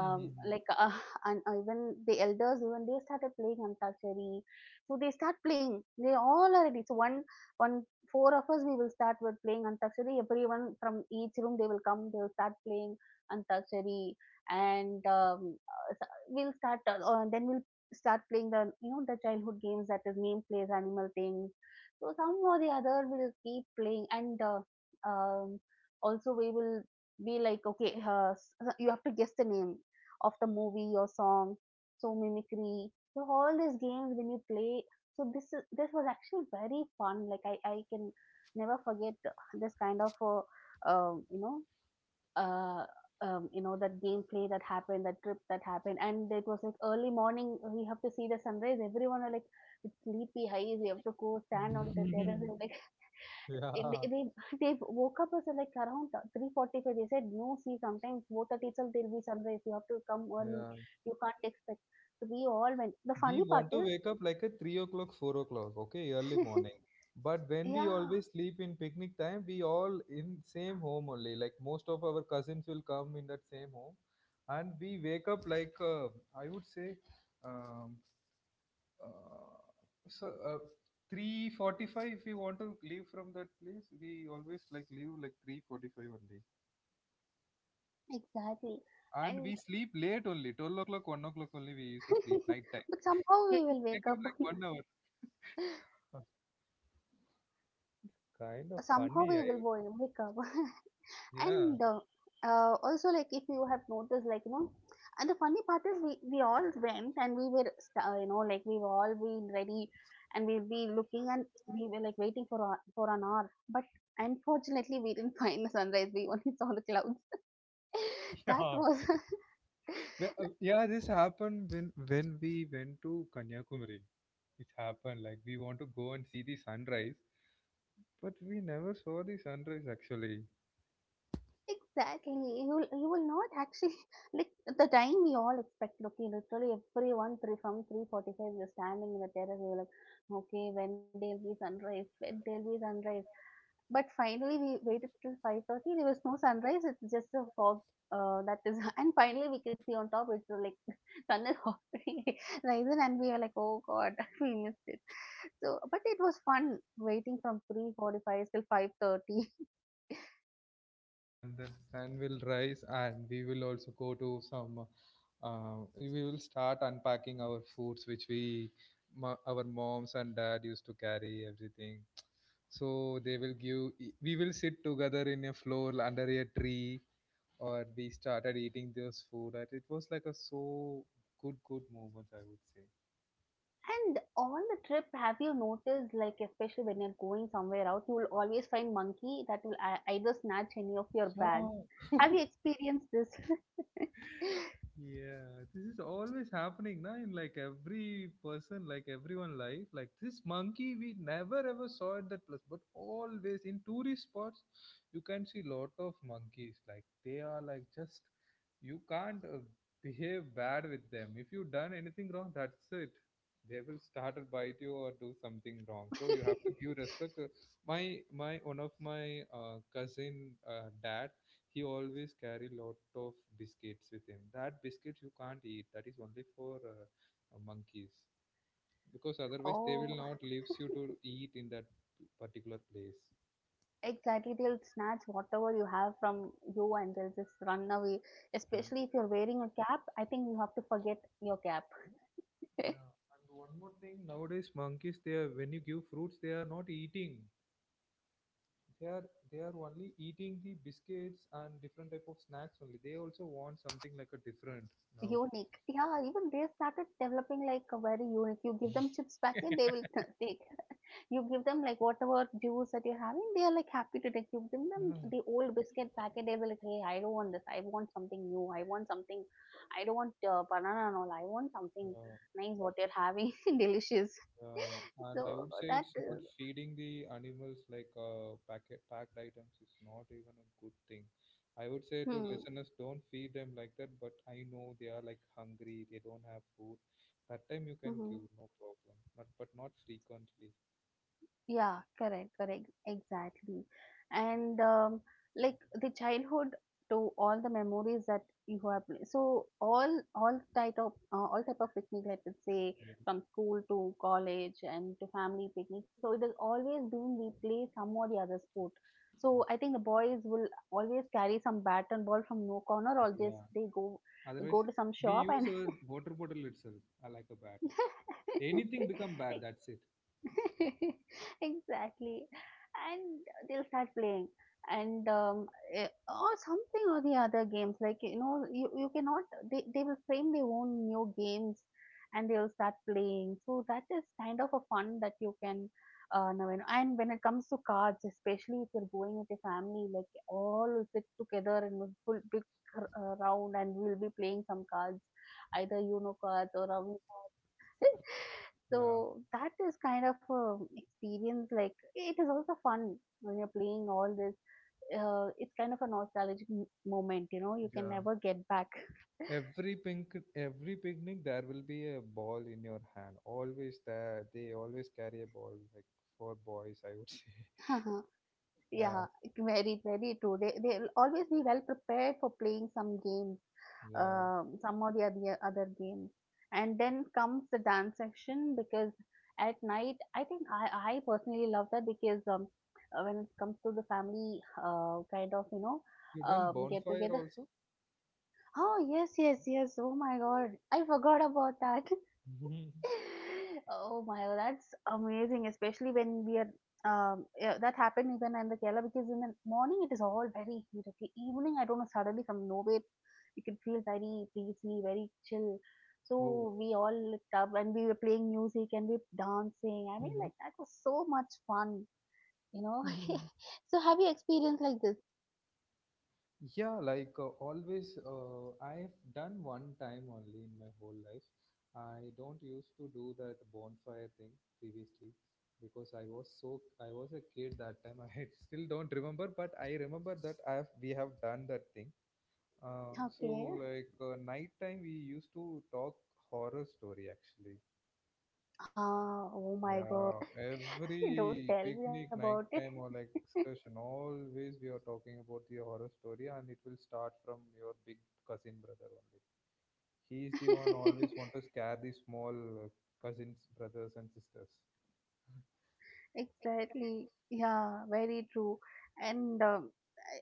Speaker 1: Mhm, mhm.
Speaker 2: like and even the elders, even they started playing Antakshari. So they start playing. They all are ready. So one one four of us we will start with playing Antakshari. Everyone from each room they will come. They will start playing Antakshari, and we'll start. Then we'll start playing the you know the childhood games, that is, name plays, animal things. So somehow the other will keep playing. And um, also we will be like, okay, you have to guess the name of the movie or song, so mimicry, so all these games when you play. So this is, this was actually very fun, like I can never forget this kind of um, you know uh, you know, that gameplay that happened, that trip that happened. And it was like early morning, we have to see the sunrise. Everyone are like, it's sleepy highs, we have to go stand on the terrace. And like it,
Speaker 1: Yeah,
Speaker 2: it- they they woke up us at like around 3:45. They said, no, see, sometimes 4:30 itself there'll be sunrise, you have to come early.
Speaker 1: yeah.
Speaker 2: You can't expect. So we all went. The
Speaker 1: We
Speaker 2: funny part
Speaker 1: want to
Speaker 2: is,
Speaker 1: wake up like at 3 o'clock, 4 o'clock, okay, early morning. But when we
Speaker 2: yeah,
Speaker 1: always sleep in picnic time, we all in same home only. Like most of our cousins will come in that same home. And we wake up like, I would say, um, uh, so, uh, 3:45. If we want to leave from that place, we always like leave like 3:45 only.
Speaker 2: exactly.
Speaker 1: And
Speaker 2: And
Speaker 1: we sleep late only, 12 o'clock, 1 o'clock only we used to sleep night time.
Speaker 2: but somehow
Speaker 1: It
Speaker 2: we will wake
Speaker 1: took
Speaker 2: up.
Speaker 1: like one hour. Uh, Kind of
Speaker 2: Somehow
Speaker 1: funny,
Speaker 2: we
Speaker 1: I
Speaker 2: will
Speaker 1: would.
Speaker 2: wake up.
Speaker 1: Yeah.
Speaker 2: And also like, if you have noticed, like, you know, and the funny part is, we all went, and we were you know, like we were all been ready and we'll be looking, and we were like waiting for for an hour, but unfortunately we didn't find the sunrise, we only saw the clouds. That
Speaker 1: Yeah.
Speaker 2: was.
Speaker 1: Yeah, this happened when we went to Kanyakumari. It happened like we want to go and see the sunrise, but we never saw the sunrise actually.
Speaker 2: Exactly, you will, you will not actually like. The time we all expected, okay, literally everyone, three from 345 we were standing in the terrace, we were like, okay, when there'll be sunrise, when there'll be sunrise. But finally, we waited till 5:30. There was no sunrise. It's just a fog. That is, and finally we can see on top, it's like sun is already rising, and we are like, oh god, we missed it. So, but it was fun waiting from 3:45 till 5:30.
Speaker 1: And the sun will rise, and we will also go to some we will start unpacking our foods, which our moms and dad used to carry everything. So they will give, we will sit together in a floor under a tree, or we started eating those food. And it was like a so good good moment, I would say.
Speaker 2: And on the trip, have you noticed, like especially when you're going somewhere out, you will always find monkey that will either snatch any of your bags.
Speaker 1: Yeah.
Speaker 2: Have you experienced this?
Speaker 1: Yeah, this is always happening now in like every person, like everyone life. Like this monkey, we never ever saw at that place, but always in tourist spots, you can see lot of monkeys. Like they are like just you can't behave bad with them. If you done anything wrong, that's it. They will start to bite you or do something wrong. So you have to give respect. My my one of my cousin dad, he always carry lot of biscuits with him. That biscuits you can't eat. That is only for monkeys, because otherwise they will
Speaker 2: Oh.
Speaker 1: not leaves you to eat in that particular place.
Speaker 2: Exactly, they'll snatch whatever you have from you, and they'll just run away.
Speaker 1: Yeah.
Speaker 2: Especially if you're wearing a cap, I think you have to forget your cap.
Speaker 1: Yeah, and one more thing, nowadays monkeys they are when you give fruits they are not eating. They are they are only eating the biscuits and different type of snacks only. They also want something like a different now.
Speaker 2: Unique. Yeah, even they started developing like a very unique. You give them chips packet, they will take. You give them like whatever juice that you're having, they are like happy to take. You give them the old biscuit packet, they will like, hey, I don't want this, I want something new, I want something. I don't want banana and all, I want something
Speaker 1: Yeah.
Speaker 2: nice. What you're having, delicious.
Speaker 1: Yeah,
Speaker 2: So
Speaker 1: and I would
Speaker 2: that
Speaker 1: say it's
Speaker 2: is.
Speaker 1: not feeding the animals like packet packed items is not even a good thing. I would say to
Speaker 2: Hmm.
Speaker 1: listeners, don't feed them like that. But I know they are like hungry; they don't have food. That time you can
Speaker 2: Hmm.
Speaker 1: give, no problem, not but not frequently.
Speaker 2: Yeah, correct, correct, exactly. And like the childhood, to all the memories that you have. So all, all type of picnic, let us say,
Speaker 1: Yeah,
Speaker 2: from school to college and to family picnic. So it has always been, we play some or the other sport. So
Speaker 1: yeah.
Speaker 2: I think the boys will always carry some bat and ball from no corner, or just
Speaker 1: Yeah.
Speaker 2: they go,
Speaker 1: Otherwise,
Speaker 2: go to some
Speaker 1: we
Speaker 2: shop
Speaker 1: use
Speaker 2: and
Speaker 1: our water bottle itself like a bat. Anything become bad. That's it.
Speaker 2: exactly, and they'll start playing. And or something or the other games, like, you know, you cannot, they will frame their own new games and they'll start playing. So that is kind of a fun that you can, now. And when it comes to cards, especially if you're going with your family, like all will sit together in a full big round, and we'll be playing some cards, either, you know, cards or Uno.
Speaker 1: Yeah.
Speaker 2: So that is kind of a experience, like it is also fun when you're playing all this, it's kind of a nostalgic moment, you know, you can
Speaker 1: Yeah.
Speaker 2: never get back.
Speaker 1: Every pink, every picnic, there will be a ball in your hand. Always there, they always carry a ball, like for boys, I would say.
Speaker 2: Uh-huh. Yeah,
Speaker 1: Yeah,
Speaker 2: very, very true. They they'll always be well prepared for playing some games.
Speaker 1: yeah.
Speaker 2: Some or the other, other game. And then comes the dance section, because at night, I think I personally love that, because when it comes to the family kind of, you know,
Speaker 1: You done
Speaker 2: get
Speaker 1: bonfire
Speaker 2: together.
Speaker 1: also?
Speaker 2: Oh, yes, yes, yes. Oh my God, I forgot about that.
Speaker 1: Mhm.
Speaker 2: Oh my god, that's amazing, especially when we are yeah, that happened even in the Kerala, because in the morning it is all very heat. Okay, evening I don't know, suddenly from nowhere you can feel very breezy, very chill.
Speaker 1: Oh.
Speaker 2: So we all lit up, and we were playing music, and we were dancing. I mean,
Speaker 1: Hmm.
Speaker 2: like that was so much fun, you know. So have you experienced like this?
Speaker 1: Yeah, like always, I've done one time only in my whole life. I don't used to do that bonfire thing previously, because I was a kid that time. I still don't remember, but I remember that I have we have done that thing. So
Speaker 2: Okay.
Speaker 1: like nighttime we used to talk horror story actually.
Speaker 2: Ah, oh my
Speaker 1: Yeah,
Speaker 2: god,
Speaker 1: every
Speaker 2: don't tell me
Speaker 1: picnic
Speaker 2: about it.
Speaker 1: nighttime or like excursion, always we are talking about the horror story, and it will start from your big cousin brother only. He is the one always want to scare the small cousins, brothers and sisters.
Speaker 2: Exactly. Yeah, very true. And uh,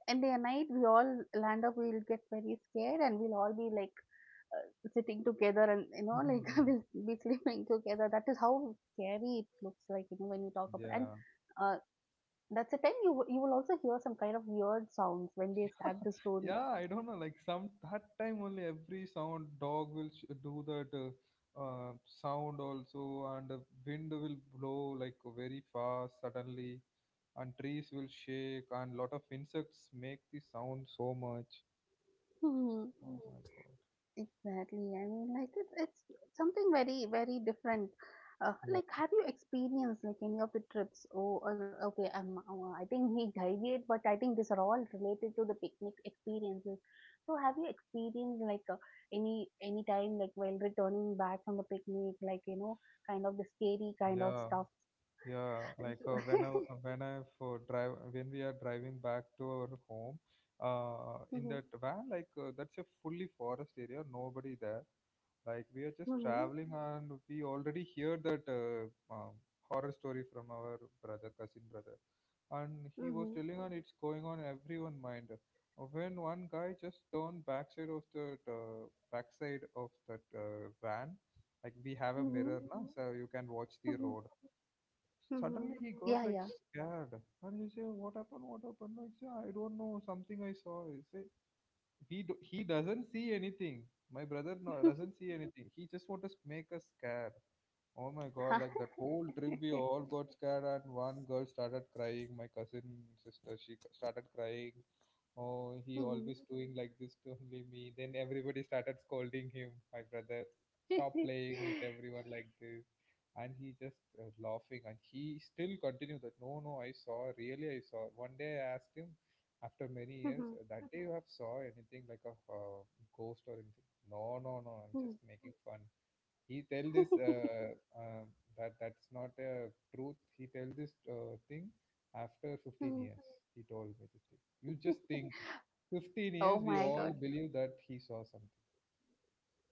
Speaker 2: and day and night we all land up. We'll get very scared, and we'll all be like sitting together, and like we'll be sleeping together. That is how scary it looks like. You know, when you talk about and.
Speaker 1: Yeah,
Speaker 2: Uh, that's the time you will also hear some kind of weird sounds when they start the story.
Speaker 1: yeah, I don't know, like some that time only every sound, dog will do that sound also. And the wind will blow like very fast suddenly, and trees will shake, and lot of insects make the sound so much. Oh my god.
Speaker 2: Exactly. I mean, like it's something very very different.
Speaker 1: Yeah.
Speaker 2: Like, have you experienced like any of the trips? Oh, okay. I think we deviate, but I think these are all related to the picnic experiences. So, have you experienced like any time like while returning back from the picnic, like you know, kind of the scary kind of
Speaker 1: Yeah.
Speaker 2: stuff?
Speaker 1: Yeah, like when I for drive when we are driving back to our home in
Speaker 2: Mm-hmm,
Speaker 1: that van, like that's a fully forest area, nobody there. Like we are just
Speaker 2: mm-hmm,
Speaker 1: traveling, and we already hear that um, horror story from our cousin brother, and he was
Speaker 2: mm-hmm,
Speaker 1: telling, on it's going on everyone mind. When one guy just turned backside of that van, like we have a mirror
Speaker 2: mm-hmm,
Speaker 1: now, so you can watch the
Speaker 2: mm-hmm,
Speaker 1: road. Suddenly
Speaker 2: mm-hmm.
Speaker 1: he got
Speaker 2: Yeah,
Speaker 1: like
Speaker 2: yeah.
Speaker 1: scared, and he say, "What happened? What happened?" Like say, "I don't know. Something I saw." He say he doesn't see anything, my brother no, doesn't see anything, he just want to make us scared. Oh my god, like that whole trip we all got scared, and one girl started crying, my cousin sister, she started crying. Oh, he
Speaker 2: Mhm.
Speaker 1: always doing like this to only me. Then everybody started scolding him, my brother, stop playing with everyone like this. And he just laughing, and he still continued that, no no I saw, really I saw. One day I asked him after many years,
Speaker 2: Mhm.
Speaker 1: That day you have saw anything like a ghost or anything?" No no no, I'm
Speaker 2: Mm.
Speaker 1: just making fun, he tell this uh, that that's not a truth. He tell this thing after 15
Speaker 2: Mm.
Speaker 1: years. He told me this thing. You just think, 15 years
Speaker 2: Oh
Speaker 1: we
Speaker 2: my God.
Speaker 1: all believe that he saw something.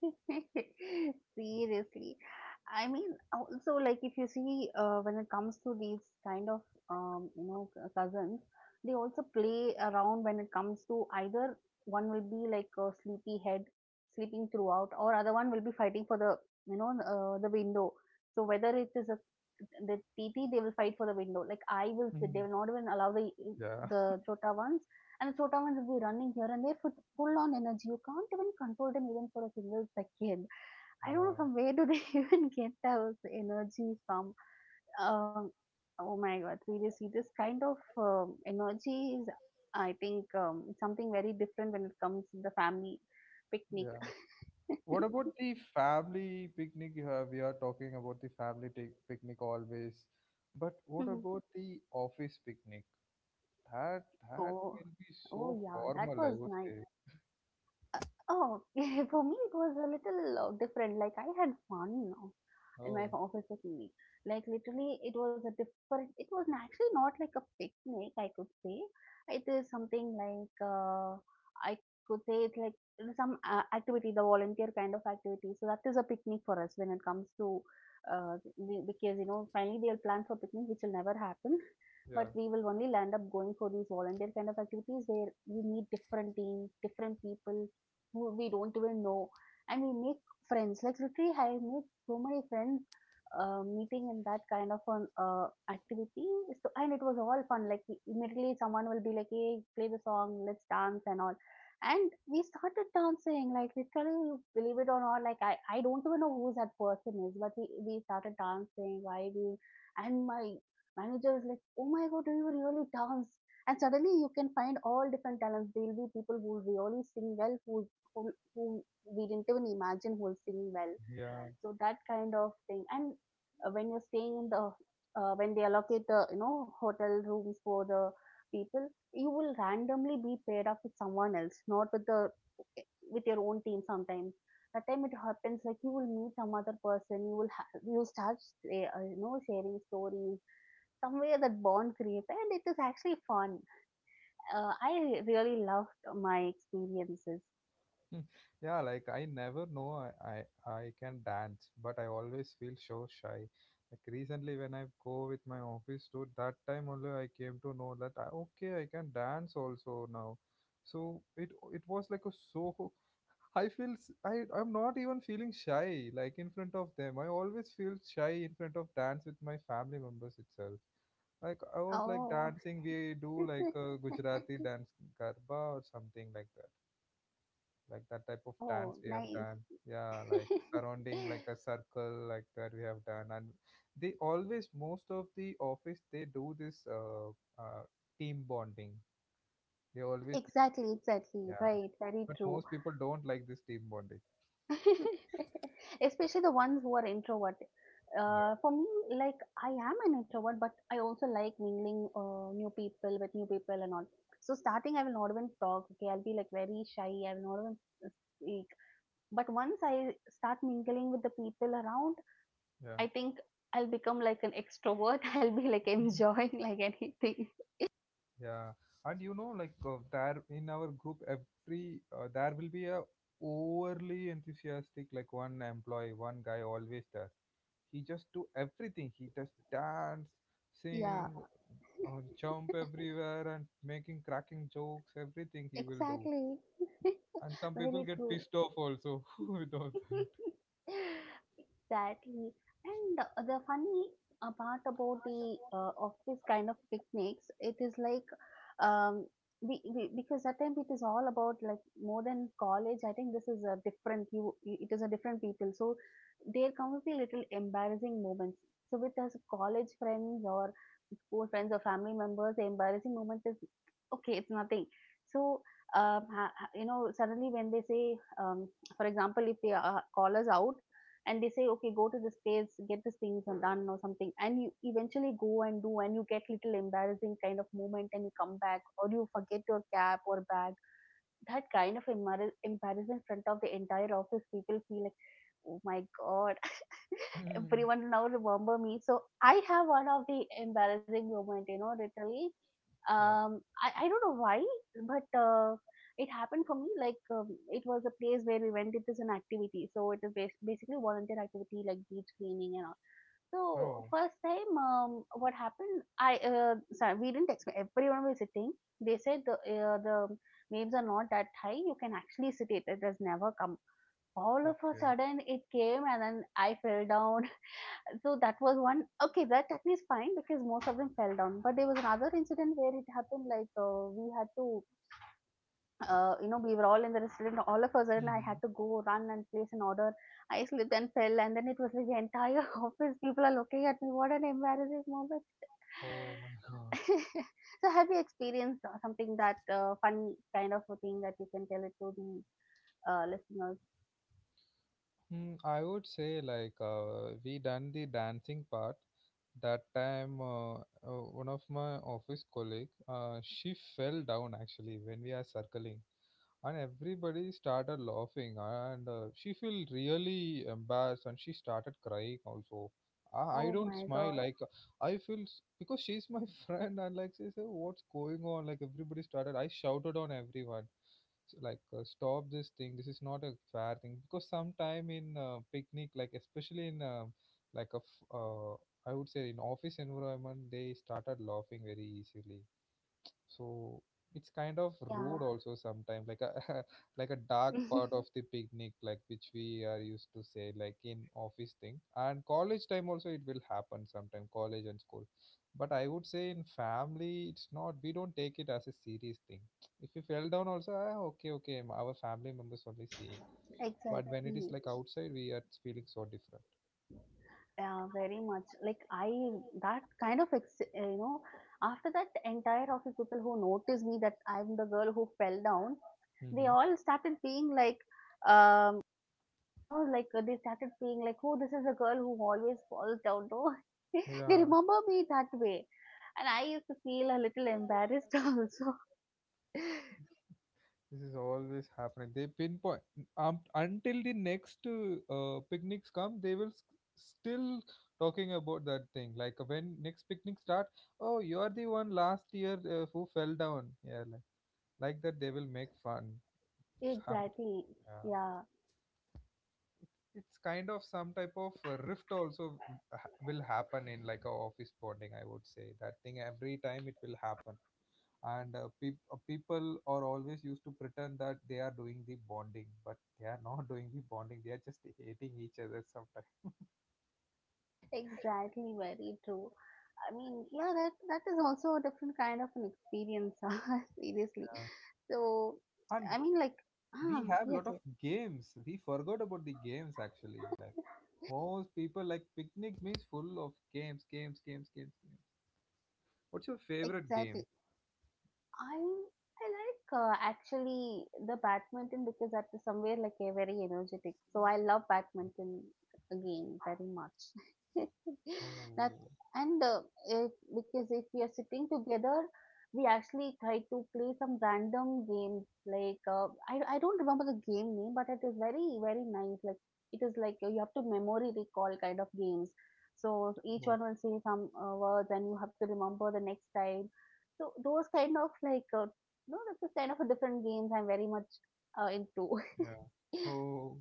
Speaker 2: Seriously. I mean, also, like, if you see, when it comes to these kind of, you know, cousins, they also play around when it comes to either one will be like a sleepy head, sleeping throughout, or other one will be fighting for the, you know, the window. So whether it is a the TT, they will fight for the window. Like I will sit, they
Speaker 1: Hmm.
Speaker 2: will not even allow
Speaker 1: Yeah,
Speaker 2: the chota ones. And so Sotawan will be running here and there with full on energy. You can't even control them even for a single second. I don't
Speaker 1: yeah,
Speaker 2: know from where do they even get that energy from. Um, oh my god, seriously, this kind of energy is, I think, something very different when it comes to the family picnic.
Speaker 1: yeah. What about the family picnic you have? We are talking about the family take picnic always, but what about the office picnic? That, that
Speaker 2: oh,
Speaker 1: will be so
Speaker 2: oh yeah, that
Speaker 1: formal, I
Speaker 2: was
Speaker 1: would
Speaker 2: nice.
Speaker 1: say.
Speaker 2: Uh, Oh, for me it was a little different. Like I had fun now in my
Speaker 1: Oh,
Speaker 2: office with me. Like literally, it was a different. It was actually not like a picnic, I could say. It is something like I could say it's like it is some activity, the volunteer kind of activity. So that is a picnic for us when it comes to because you know finally they'll plan for picnic, which will never happen. But
Speaker 1: yeah,
Speaker 2: we will only land up going for these volunteer kind of activities where we meet different teams, different people, who we don't even know, and we make friends. Like literally I made so many friends meeting in that kind of an activity. So and it was all fun. Like immediately someone will be like, hey, play the song, let's dance and all. And we started dancing. Like literally, you believe it or not, like I don't even know who that person is, but we started dancing, vibing. And my manager was like, oh my god, do you really dance? And suddenly you can find all different talents. There will be people who really sing well, who who we didn't even imagine who will sing well.
Speaker 1: yeah.
Speaker 2: So that kind of thing. And when you're staying in the, when they allocate the, you know, hotel rooms for the people, you will randomly be paired up with someone else, not with the, with your own team sometimes. That time it happens like you will meet some other person, you will you start you know, sharing stories, somewhere that bond creates, and it is actually fun. I really loved my experiences.
Speaker 1: Hmm. Yeah, like I never know I can dance, but I always feel so shy. Like recently when I go with my office tour, that time only I came to know that I, okay I can dance also now. So it was like a so, I feel I'm not even feeling shy like in front of them. I always feel shy in front of dance with my family members itself. Like I was like
Speaker 2: Oh,
Speaker 1: dancing. We do like a Gujarati dance, garba or something like that, like that type of
Speaker 2: Oh,
Speaker 1: dance we have
Speaker 2: nice.
Speaker 1: done. Yeah, like surrounding like a circle, like that we have done. And they always, most of the office they do this uh, team bonding, they always do this
Speaker 2: Exactly,
Speaker 1: thing,
Speaker 2: exactly.
Speaker 1: yeah.
Speaker 2: Right, very
Speaker 1: But
Speaker 2: true.
Speaker 1: most people don't like this team bonding.
Speaker 2: Especially the ones who are introvert.
Speaker 1: Yeah.
Speaker 2: For me, like I am an introvert, but I also like mingling new people with new people and all. So starting, I will not even talk. Okay, I'll be like very shy. I will not even speak. But once I start mingling with the people around,
Speaker 1: Yeah.
Speaker 2: I think I'll become like an extrovert. I'll be like
Speaker 1: Mhm.
Speaker 2: enjoying like anything.
Speaker 1: Yeah, and you know like there in our group, every there will be a overly enthusiastic like one employee, one guy always there. He just do everything. He just dance, sing,
Speaker 2: Yeah,
Speaker 1: or jump everywhere and making cracking jokes. Everything he will do.
Speaker 2: exactly.
Speaker 1: And some people
Speaker 2: Very
Speaker 1: get
Speaker 2: true.
Speaker 1: pissed off also without that.
Speaker 2: Exactly. And the funny part about the office kind of picnics, it is like um, we because at time it is all about like more than college. I think this is a different It is a different people. So there comes the little embarrassing moments. So with us college friends or school friends or family members, the embarrassing moment is okay. It's nothing. So. You know, suddenly when they say, um, for example, if they call us out, and they say, okay, go to this place, get these things done or something, and you eventually go and do, and you get little embarrassing kind of moment and you come back, or you forget your cap or bag. That kind of embarrassment in front of the entire office people feel like, oh my god,
Speaker 1: Hmm,
Speaker 2: everyone now remember me. So I have one of the embarrassing moment, you know, literally.
Speaker 1: yeah.
Speaker 2: um I don't know why, but it happened for me. Like it was a place where we went. It is an activity, so it is basically volunteer activity like beach cleaning and all. So
Speaker 1: Oh,
Speaker 2: first time, what happened? I sorry, we didn't expect. Everyone was sitting. They said the waves are not that high. You can actually sit it. It has never come. All of a
Speaker 1: okay.
Speaker 2: sudden, it came, and then I fell down. So that was one. Okay, that technique is fine because most of them fell down. But there was another incident where it happened. Like we had to you know, we were all in the restaurant. All of a sudden, I had
Speaker 1: Mhm.
Speaker 2: to go run and place an order. I slipped and fell, and then it was like the entire office. People are looking at me. What an embarrassing moment!
Speaker 1: Oh my God.
Speaker 2: So, have you experienced something that funny kind of a thing that you can tell it to the listeners?
Speaker 1: Mm, I would say like we done the dancing part. That time, one of my office colleague, she fell down actually when we are circling. And everybody started laughing and she felt really embarrassed and she started crying also. I
Speaker 2: Oh
Speaker 1: don't
Speaker 2: my
Speaker 1: smile,
Speaker 2: god!
Speaker 1: like I feel because she's my friend, and like she said what's going on, like everybody started. I shouted on everyone. Like, stop this thing, this is not a fair thing, because sometime in picnic, like especially in like a I would say in office environment, they started laughing very easily. So it's kind of
Speaker 2: Yeah,
Speaker 1: rude also sometimes, like a like a dark part of the picnic, like which we are used to say, like in office thing and college time also it will happen sometime, college and school. But I would say in family, it's not, we don't take it as a serious thing. If you fell down also, ah, okay okay, our family members only see it." But when it is
Speaker 2: exactly.
Speaker 1: like outside, we are feeling so different.
Speaker 2: Yeah, very much. That kind of, you know, after that entire office people who noticed me that I'm the girl who fell down, they
Speaker 1: Hmm.
Speaker 2: all started being like, um, you know, like they started being like, oh, this is the girl who always falls down. No, they
Speaker 1: Yeah.
Speaker 2: remember me that way, and I used to feel a little embarrassed also.
Speaker 1: This is always happening. They pinpoint, until the next picnics come. They will still talking about that thing. Like when next picnic start, oh, you are the one last year who fell down. Yeah, like that. They will make fun. Sound.
Speaker 2: Exactly.
Speaker 1: Yeah,
Speaker 2: Yeah.
Speaker 1: it's kind of some type of rift also will happen in like a office bonding, I would say. That thing every time it will happen. And people are always used to pretend that they are doing the bonding, but they are not doing the bonding, they are just hating each other sometimes.
Speaker 2: Exactly, very true. I mean, yeah, that that is also a different kind of an experience, ah, seriously.
Speaker 1: Yeah.
Speaker 2: So,
Speaker 1: And
Speaker 2: I mean, like, ah,
Speaker 1: we have
Speaker 2: yes,
Speaker 1: lot of
Speaker 2: yes,
Speaker 1: games, we forgot about the games actually, like most people like picnic means full of games, games, games, games, games. What's your favorite game?
Speaker 2: exactly. I I like actually the badminton because that is somewhere like a very energetic. So I love badminton again very much. That.
Speaker 1: Oh.
Speaker 2: And it, because if we are sitting together, we actually try to play some random games. Like I don't remember the game name, but it is very very nice. Like it is like you have to memory recall kind of games. So each
Speaker 1: Oh.
Speaker 2: one will say some words, and you have to remember the next time. So those kind of like no, that's a kind of a different games I'm very much into.
Speaker 1: Yeah. Oh,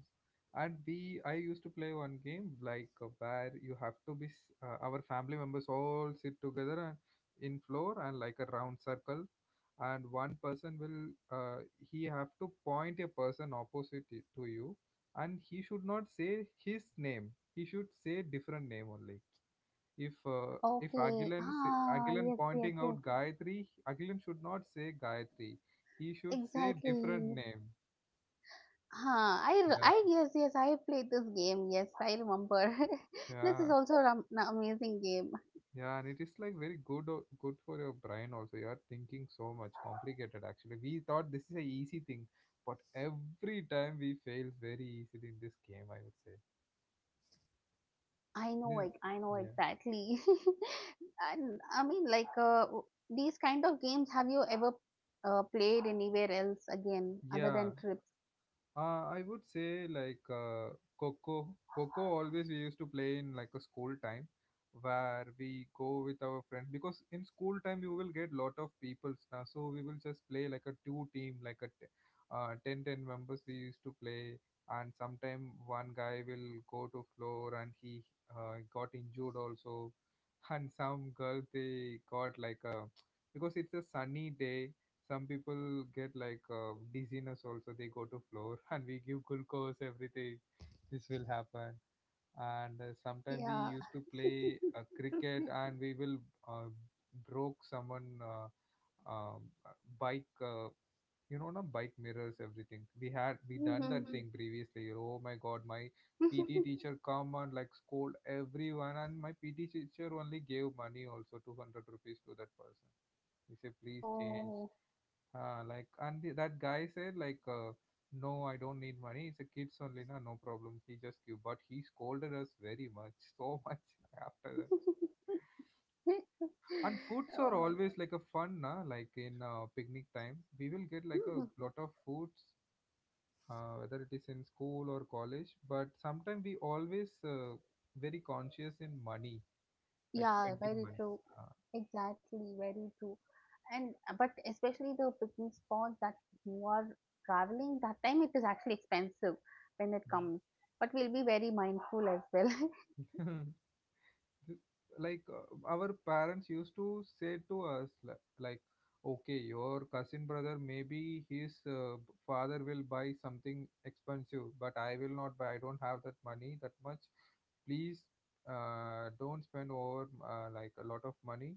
Speaker 1: and we I used to play one game like, where you have to be our family members all sit together, and in floor and like a round circle, and one person will, he have to point a person opposite to you, and he should not say his name. He should say different name only. If
Speaker 2: Okay.
Speaker 1: Agilan
Speaker 2: Ah,
Speaker 1: Agilan
Speaker 2: yes, yes,
Speaker 1: pointing
Speaker 2: yes.
Speaker 1: out Gayatri, Agilan should not say Gayatri. He should say different
Speaker 2: Exactly.
Speaker 1: name. Yeah.
Speaker 2: Yes, yes, I played this game. Yes, I remember. This is
Speaker 1: Yeah,
Speaker 2: also an amazing game.
Speaker 1: yeah, and it is like very good good for your brain also. You are thinking so much complicated actually. We thought this is a easy thing, but every time we fail very easily in this game, I would say.
Speaker 2: I know,
Speaker 1: This,
Speaker 2: like, I know
Speaker 1: yeah.
Speaker 2: exactly. And I mean, like, these kind of games, have you ever played anywhere else again other than
Speaker 1: Yeah.
Speaker 2: trips?
Speaker 1: I would say like, Coco. Coco always we used to play in like a school time, where we go with our friends, because in school time you will get lot of peoples now, so we will just play like a two team, like a 10 10 members we used to play. And sometime one guy will go to floor and he got injured also, and some girl they got like a, because it's a sunny day, some people get like dizziness also, they go to floor and we give glucose everything. This will happen. And sometime we
Speaker 2: Yeah.
Speaker 1: used to play cricket, and we will, uh, broke someone um, uh, bike, you know, no bike mirrors everything, we had we done that
Speaker 2: Mhm.
Speaker 1: thing previously. Oh my god. My PT teacher come and like scold everyone, and my PT teacher only gave money also 200 rupees to that person. He said please change.
Speaker 2: Oh.
Speaker 1: Uh, like and that guy said like, no I don't need money, it's a kids only na, no problem, he just give. But he scolded us very much. So much after that. And foods are
Speaker 2: Oh my God.
Speaker 1: always like a fun na, like in picnic time we will get like a
Speaker 2: Mhm.
Speaker 1: lot of foods, whether it is in school or college. But sometimes we always very conscious in money, like
Speaker 2: Yeah,
Speaker 1: spending
Speaker 2: very
Speaker 1: money.
Speaker 2: true.
Speaker 1: Uh,
Speaker 2: Exactly, very true. And but especially the picnic spots that you are traveling, that time it is actually expensive when it comes. But we'll be very mindful as well.
Speaker 1: mm. Like, our parents used to say to us like, okay your cousin brother maybe his father will buy something expensive, but I will not buy, I don't have that money that much. Please, don't spend over like a lot of money.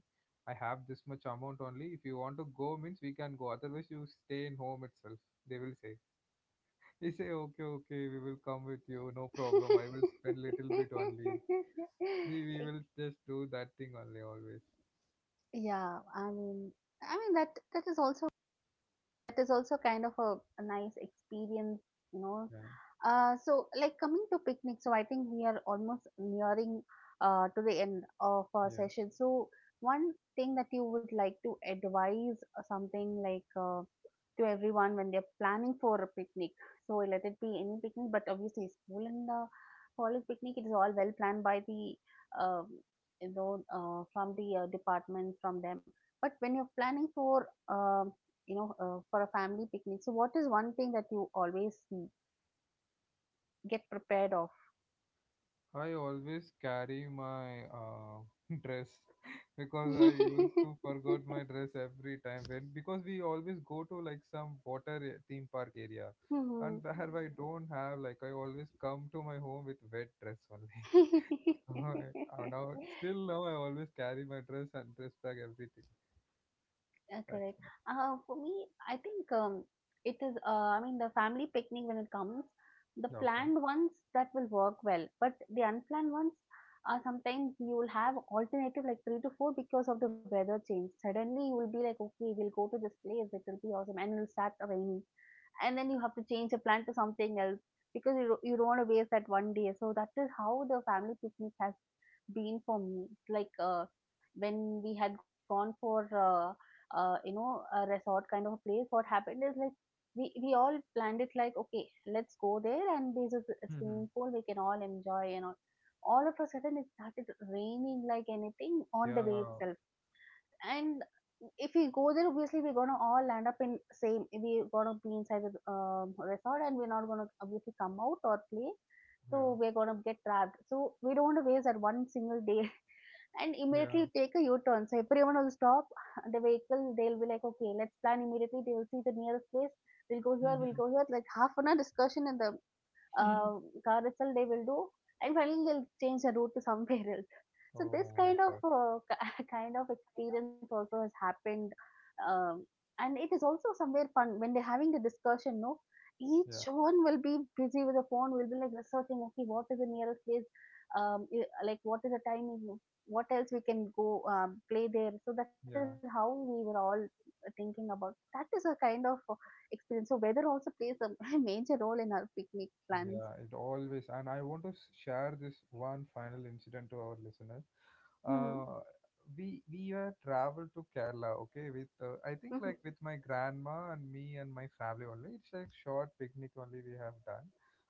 Speaker 1: I have this much amount only, if you want to go means we can go, otherwise you stay in home itself, they will say. He say okay okay, we will come with you, no problem, I will spend little bit only. See, we will just do that thing only always.
Speaker 2: Yeah, I mean that that is also kind of a nice experience, you know.
Speaker 1: Yeah.
Speaker 2: So like coming to picnic, so I think we are almost nearing to the end of our
Speaker 1: Yeah.
Speaker 2: session. So one thing that you would like to advise something like to everyone when they're planning for a picnic. So let it be any picnic, but obviously school and the college picnic it is all well planned by the um, you know from the department from them. But when you're planning for you know for a family picnic, so what is one thing that you always get prepared of?
Speaker 1: I always carry my dress, because I used to forget my dress every time, when because we always go to like some water theme park area, and
Speaker 2: Mhm.
Speaker 1: there I don't have, like I always come to my home with wet dress only. So I now, still now, I always carry my dress and dress bag everything.
Speaker 2: Yeah,
Speaker 1: That's
Speaker 2: correct.
Speaker 1: my job.
Speaker 2: For me, I think it is, I mean, the family picnic when it comes, the
Speaker 1: Yeah, okay.
Speaker 2: planned ones that will work well, but the unplanned ones are sometimes you will have alternative like three to four because of the weather change. Suddenly you will be like, okay, we'll go to this place, it will be awesome, and it will start raining. And then you have to change the plan to something else because you don't want to waste that one day. So that is how the family picnic has been for me. Like, when we had gone for uh, a resort kind of a place. What happened is like we all planned it like okay, let's go there and there's a
Speaker 1: Mm-hmm.
Speaker 2: swimming pool we can all enjoy and all. All of a sudden, it started raining like anything on the way
Speaker 1: Yeah,
Speaker 2: itself, and if we go there, obviously we're gonna all land up in same, we're gonna be inside the resort, and we're not gonna obviously come out or play,
Speaker 1: yeah.
Speaker 2: so we're gonna get trapped, so we don't want to waste that one single day and immediately
Speaker 1: Yeah.
Speaker 2: take a u-turn. So everyone will stop the vehicle, they'll be like okay, let's plan immediately. They will see the nearest place, we'll go here, we'll
Speaker 1: Mhm.
Speaker 2: go here, like half an hour discussion in the uh, car itself they will do, and finally they'll change the route to somewhere else. So this
Speaker 1: Oh my
Speaker 2: kind of
Speaker 1: god.
Speaker 2: kind of experience also has happened, um, and it is also somewhere fun when they're having the discussion. No,
Speaker 1: Yeah.
Speaker 2: each one will be busy with the phone. Will be like researching. Okay, what is the nearest place? Like what is the timing? What else we can go play there? So that is how
Speaker 1: Yeah.
Speaker 2: we were all thinking about. That is a kind of experience. So weather also plays a major role in our picnic plans.
Speaker 1: Yeah, it always. And I want to share this one final incident to our listeners.
Speaker 2: Mm-hmm.
Speaker 1: Uh, we traveled to Kerala, okay, with, I
Speaker 2: Mm-hmm.
Speaker 1: think like with my grandma and me and my family only. It's like short picnic only we have done,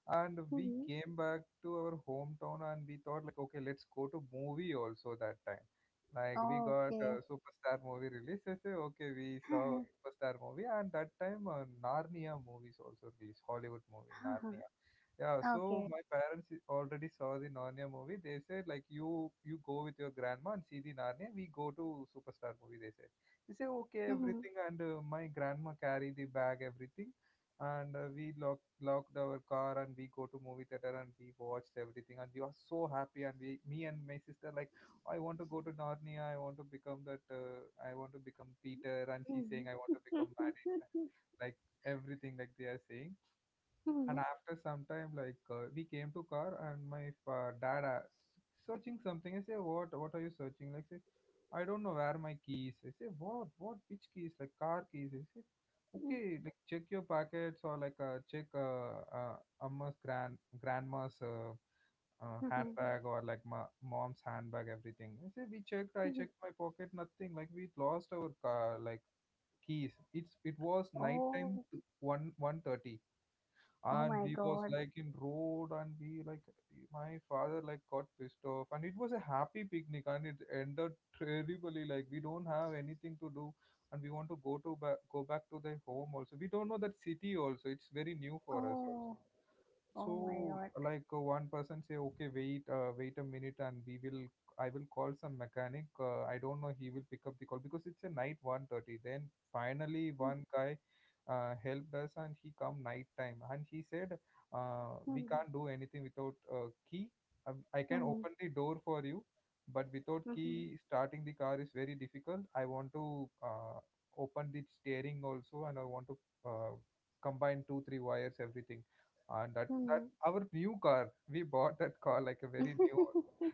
Speaker 1: and we
Speaker 2: Mm-hmm.
Speaker 1: came back to our hometown, and we thought like okay, let's go to movie also that time. Like we got
Speaker 2: Okay.
Speaker 1: superstar movie release. I say okay, we saw superstar movie, and that time Narnia movies also released, Hollywood movie Narnia. Yeah, so
Speaker 2: Okay.
Speaker 1: my parents already saw the Narnia movie. They said like you go with your grandma and see the Narnia. We go to Superstar movie, they said. They say okay
Speaker 2: Mm-hmm.
Speaker 1: everything, and my grandma carry the bag everything, and we lock locked our car, and we go to movie theater, and we watched everything, and we are so happy, and we, me and my sister like, I want to go to Narnia, I want to become that. I want to become Peter, and she's
Speaker 2: Mm-hmm.
Speaker 1: saying I want to become Maddie. Like everything like they are saying. And
Speaker 2: Mm-hmm.
Speaker 1: after some time, like we came to car, and my dad asked, searching something. I say what are you searching, like say. I don't know where my keys. I say what, which keys, like car keys. I say okay like check your pockets or like check amma's grandma's handbag or like my mom's handbag everything. I say we checked, I
Speaker 2: Mm-hmm.
Speaker 1: checked my pocket, nothing, like we lost our car like keys. It's, it was night time,
Speaker 2: Oh,
Speaker 1: 1 1:30,
Speaker 2: oh
Speaker 1: and
Speaker 2: my
Speaker 1: we was
Speaker 2: god.
Speaker 1: like in road, and we like, my father like got pissed off, and it was a happy picnic and it ended terribly, like we don't have anything to do, and we want to go to back, go back to the home also, we don't know that city also, it's very new for us also.
Speaker 2: Oh, oh my
Speaker 1: So
Speaker 2: god.
Speaker 1: like, one person say okay wait, wait a minute and we will, I will call some mechanic, I don't know he will pick up the call because it's a night 1:30. Then finally one guy helped us, and he come night time and he said, we
Speaker 2: Mm-hmm.
Speaker 1: can't do anything without key. I can
Speaker 2: Mm-hmm.
Speaker 1: open the door for you, but without key starting the car is very difficult. I want to, open the steering also, and I want to, uh, combine two three wires everything. And that
Speaker 2: Mm-hmm.
Speaker 1: our new car, we bought that car like a very new.
Speaker 2: Mm-hmm.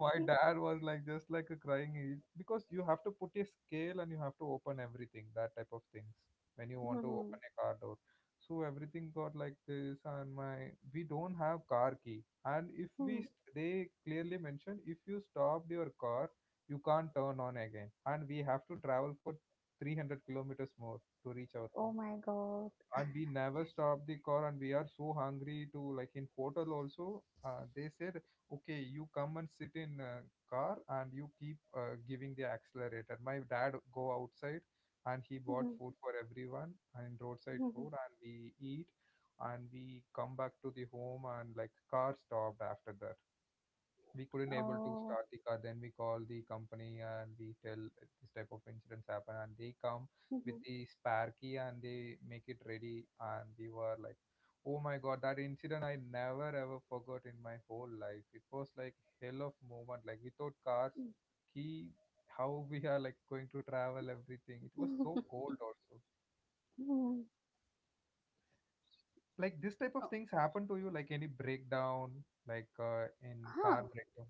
Speaker 1: My dad was like just like a crying, because you have to put a scale and you have to open everything, that type of things, when you want to
Speaker 2: Mhm,
Speaker 1: open a car door. So everything got like this, and my, we don't have car key. And if
Speaker 2: mhm.
Speaker 1: they clearly mentioned, if you stopped your car, you can't turn on again, and we have to travel for 300 kilometers more to reach our
Speaker 2: Oh
Speaker 1: home.
Speaker 2: my god.
Speaker 1: And we never stop the car, and we are so hungry, to, like, in hotel also, they said okay you come and sit in, car, and you keep giving the accelerator. My dad go outside and he bought
Speaker 2: Mhm,
Speaker 1: food for everyone and roadside
Speaker 2: mhm.
Speaker 1: food and we eat. And we come back to the home, and like car stopped after that. We couldn't able to
Speaker 2: Oh.
Speaker 1: start the car, then we call the company and we tell this type of incidents happen, and they come with
Speaker 2: Mhm,
Speaker 1: the spare key, and they make it ready. And we were like, oh my god, that incident I never ever forgot in my whole life. It was like hell of moment, like without cars key, how we are like going to travel everything, it was so
Speaker 2: mhm.
Speaker 1: cold also.
Speaker 2: Hmm.
Speaker 1: Like this type of
Speaker 2: Oh,
Speaker 1: things happen to you, like any breakdown, like in
Speaker 2: huh.
Speaker 1: car breakdown,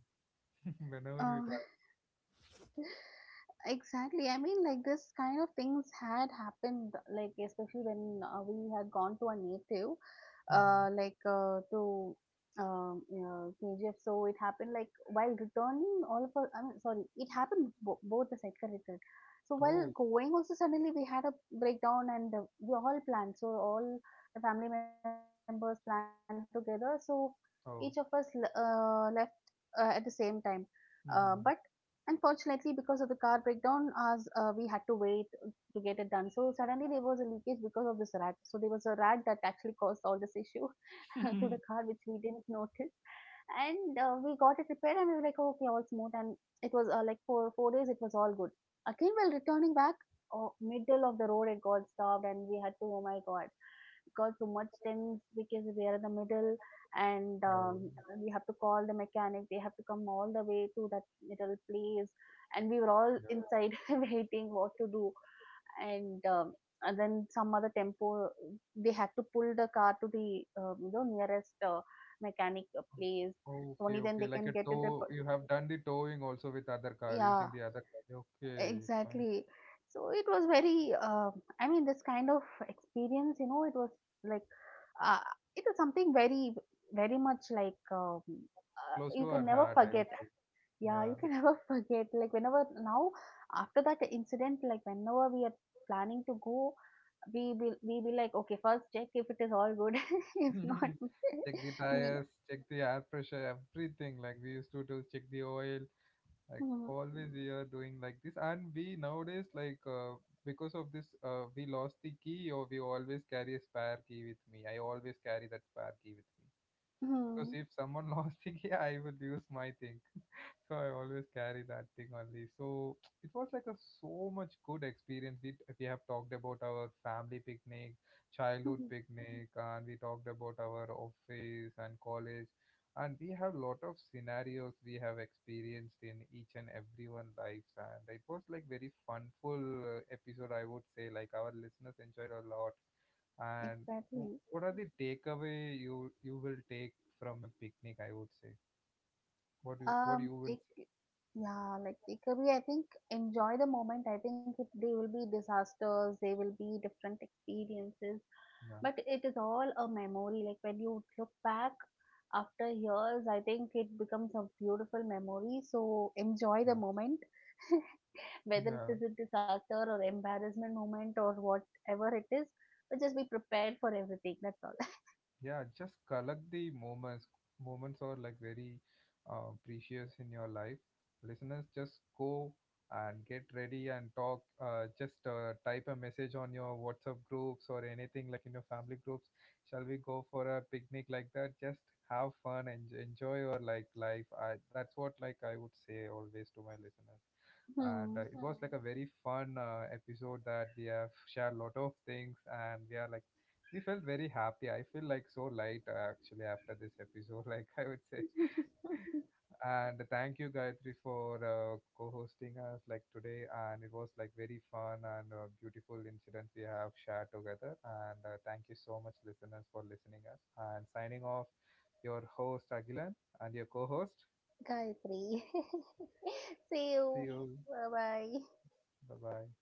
Speaker 1: whenever we
Speaker 2: Uh,
Speaker 1: try.
Speaker 2: exactly. I mean, like this kind of things had happened, like especially when we had gone to a native,
Speaker 1: Mhm.
Speaker 2: to KGF. So it happened like while returning, all of us. I mean, sorry, both the sides corrected. So while
Speaker 1: Oh.
Speaker 2: going, also suddenly we had a breakdown, and we all planned. So all the family members planned together. So each of us le-
Speaker 1: Oh.
Speaker 2: left at the same time. But Unfortunately,
Speaker 1: Mm-hmm.
Speaker 2: because of the car breakdown, as we had to wait to get it done. So suddenly there was a leakage because of this rat. So there was a rat that actually caused all this issue to the car, which we didn't notice. And we got it repaired, and we were like, "Oh, okay, all smooth." And it was like for 4 days, it was all good. Again, while returning back, oh, middle of the road, it got stopped, and we had to, oh my god, it got so much things because we are in the middle, and
Speaker 1: Oh.
Speaker 2: we have to call the mechanic. They have to come all the way to that little place, and we were all
Speaker 1: Yeah. Yeah.
Speaker 2: inside waiting what to do, and um, and then some other tempo, they had to pull the car to the you know nearest mechanic place, only
Speaker 1: Okay,
Speaker 2: then
Speaker 1: okay.
Speaker 2: they
Speaker 1: Like
Speaker 2: can
Speaker 1: a
Speaker 2: get it
Speaker 1: tow,
Speaker 2: repaired.
Speaker 1: you have done the towing also with other car,
Speaker 2: Yeah,
Speaker 1: using the other car. Okay, fine.
Speaker 2: exactly. So it was very I mean, this kind of experience, you know, it was like, uh, it was something very very much like,
Speaker 1: Close
Speaker 2: you
Speaker 1: to her
Speaker 2: can never
Speaker 1: heart, I would
Speaker 2: forget.
Speaker 1: say.
Speaker 2: Yeah,
Speaker 1: Yeah.
Speaker 2: you can never forget. Like whenever now, after that incident, like whenever we are planning to go, we will, we will like okay, first check if it is all good. If not
Speaker 1: Check the
Speaker 2: you know.
Speaker 1: tires, check the air pressure, everything, like we used to do, check the oil. Like
Speaker 2: Hmm,
Speaker 1: always, we are doing like this. And we nowadays, like, because of this, we lost the key, or we always carry a spare key with me. I always carry that spare key with me, because
Speaker 2: hmm,
Speaker 1: if someone lost the key, I will lose my thing. So I always carry that thing only. So it was like a so much good experience. We have talked about our family picnic,
Speaker 2: hmm,
Speaker 1: childhood picnic, and we talked about our office and college, and we have lot of scenarios we have experienced in each and everyone lives, and it was like very funful episode, I would say. Like our listeners enjoyed a lot. And
Speaker 2: exactly.
Speaker 1: what are the takeaway you will take from a picnic? I would say what you, what you will say.
Speaker 2: Take, yeah, like takeaway, I think enjoy the moment. I think it, they will be disasters, they will be different experiences,
Speaker 1: Yeah.
Speaker 2: but it is all a memory. Like when you look back after years, I think it becomes a beautiful memory, so enjoy the
Speaker 1: Yeah.
Speaker 2: moment. Whether it
Speaker 1: Yeah,
Speaker 2: is a disaster or embarrassment moment or whatever it is, but just be prepared for everything. That's all.
Speaker 1: yeah, just collect the moments. Moments are like very, precious in your life. Listeners, just go and get ready and talk, just, type a message on your WhatsApp groups or anything like in your family groups, shall we go for a picnic like that, just have fun and enjoy your like life. That's what, like I would say always to my listeners. And
Speaker 2: Hmm.
Speaker 1: it was like, sure, a very fun episode that we have shared a lot of things, and we are like, we felt very happy. I feel like so light actually after this episode, like I would say. And thank you, Gayatri, for co-hosting us like today. And it was like very fun and beautiful incident we have shared together. And thank you so much, listeners, for listening us. And signing off, your host Agilan and your co-host.
Speaker 2: Gayatri. See you.
Speaker 1: See you.
Speaker 2: Bye bye.
Speaker 1: Bye bye.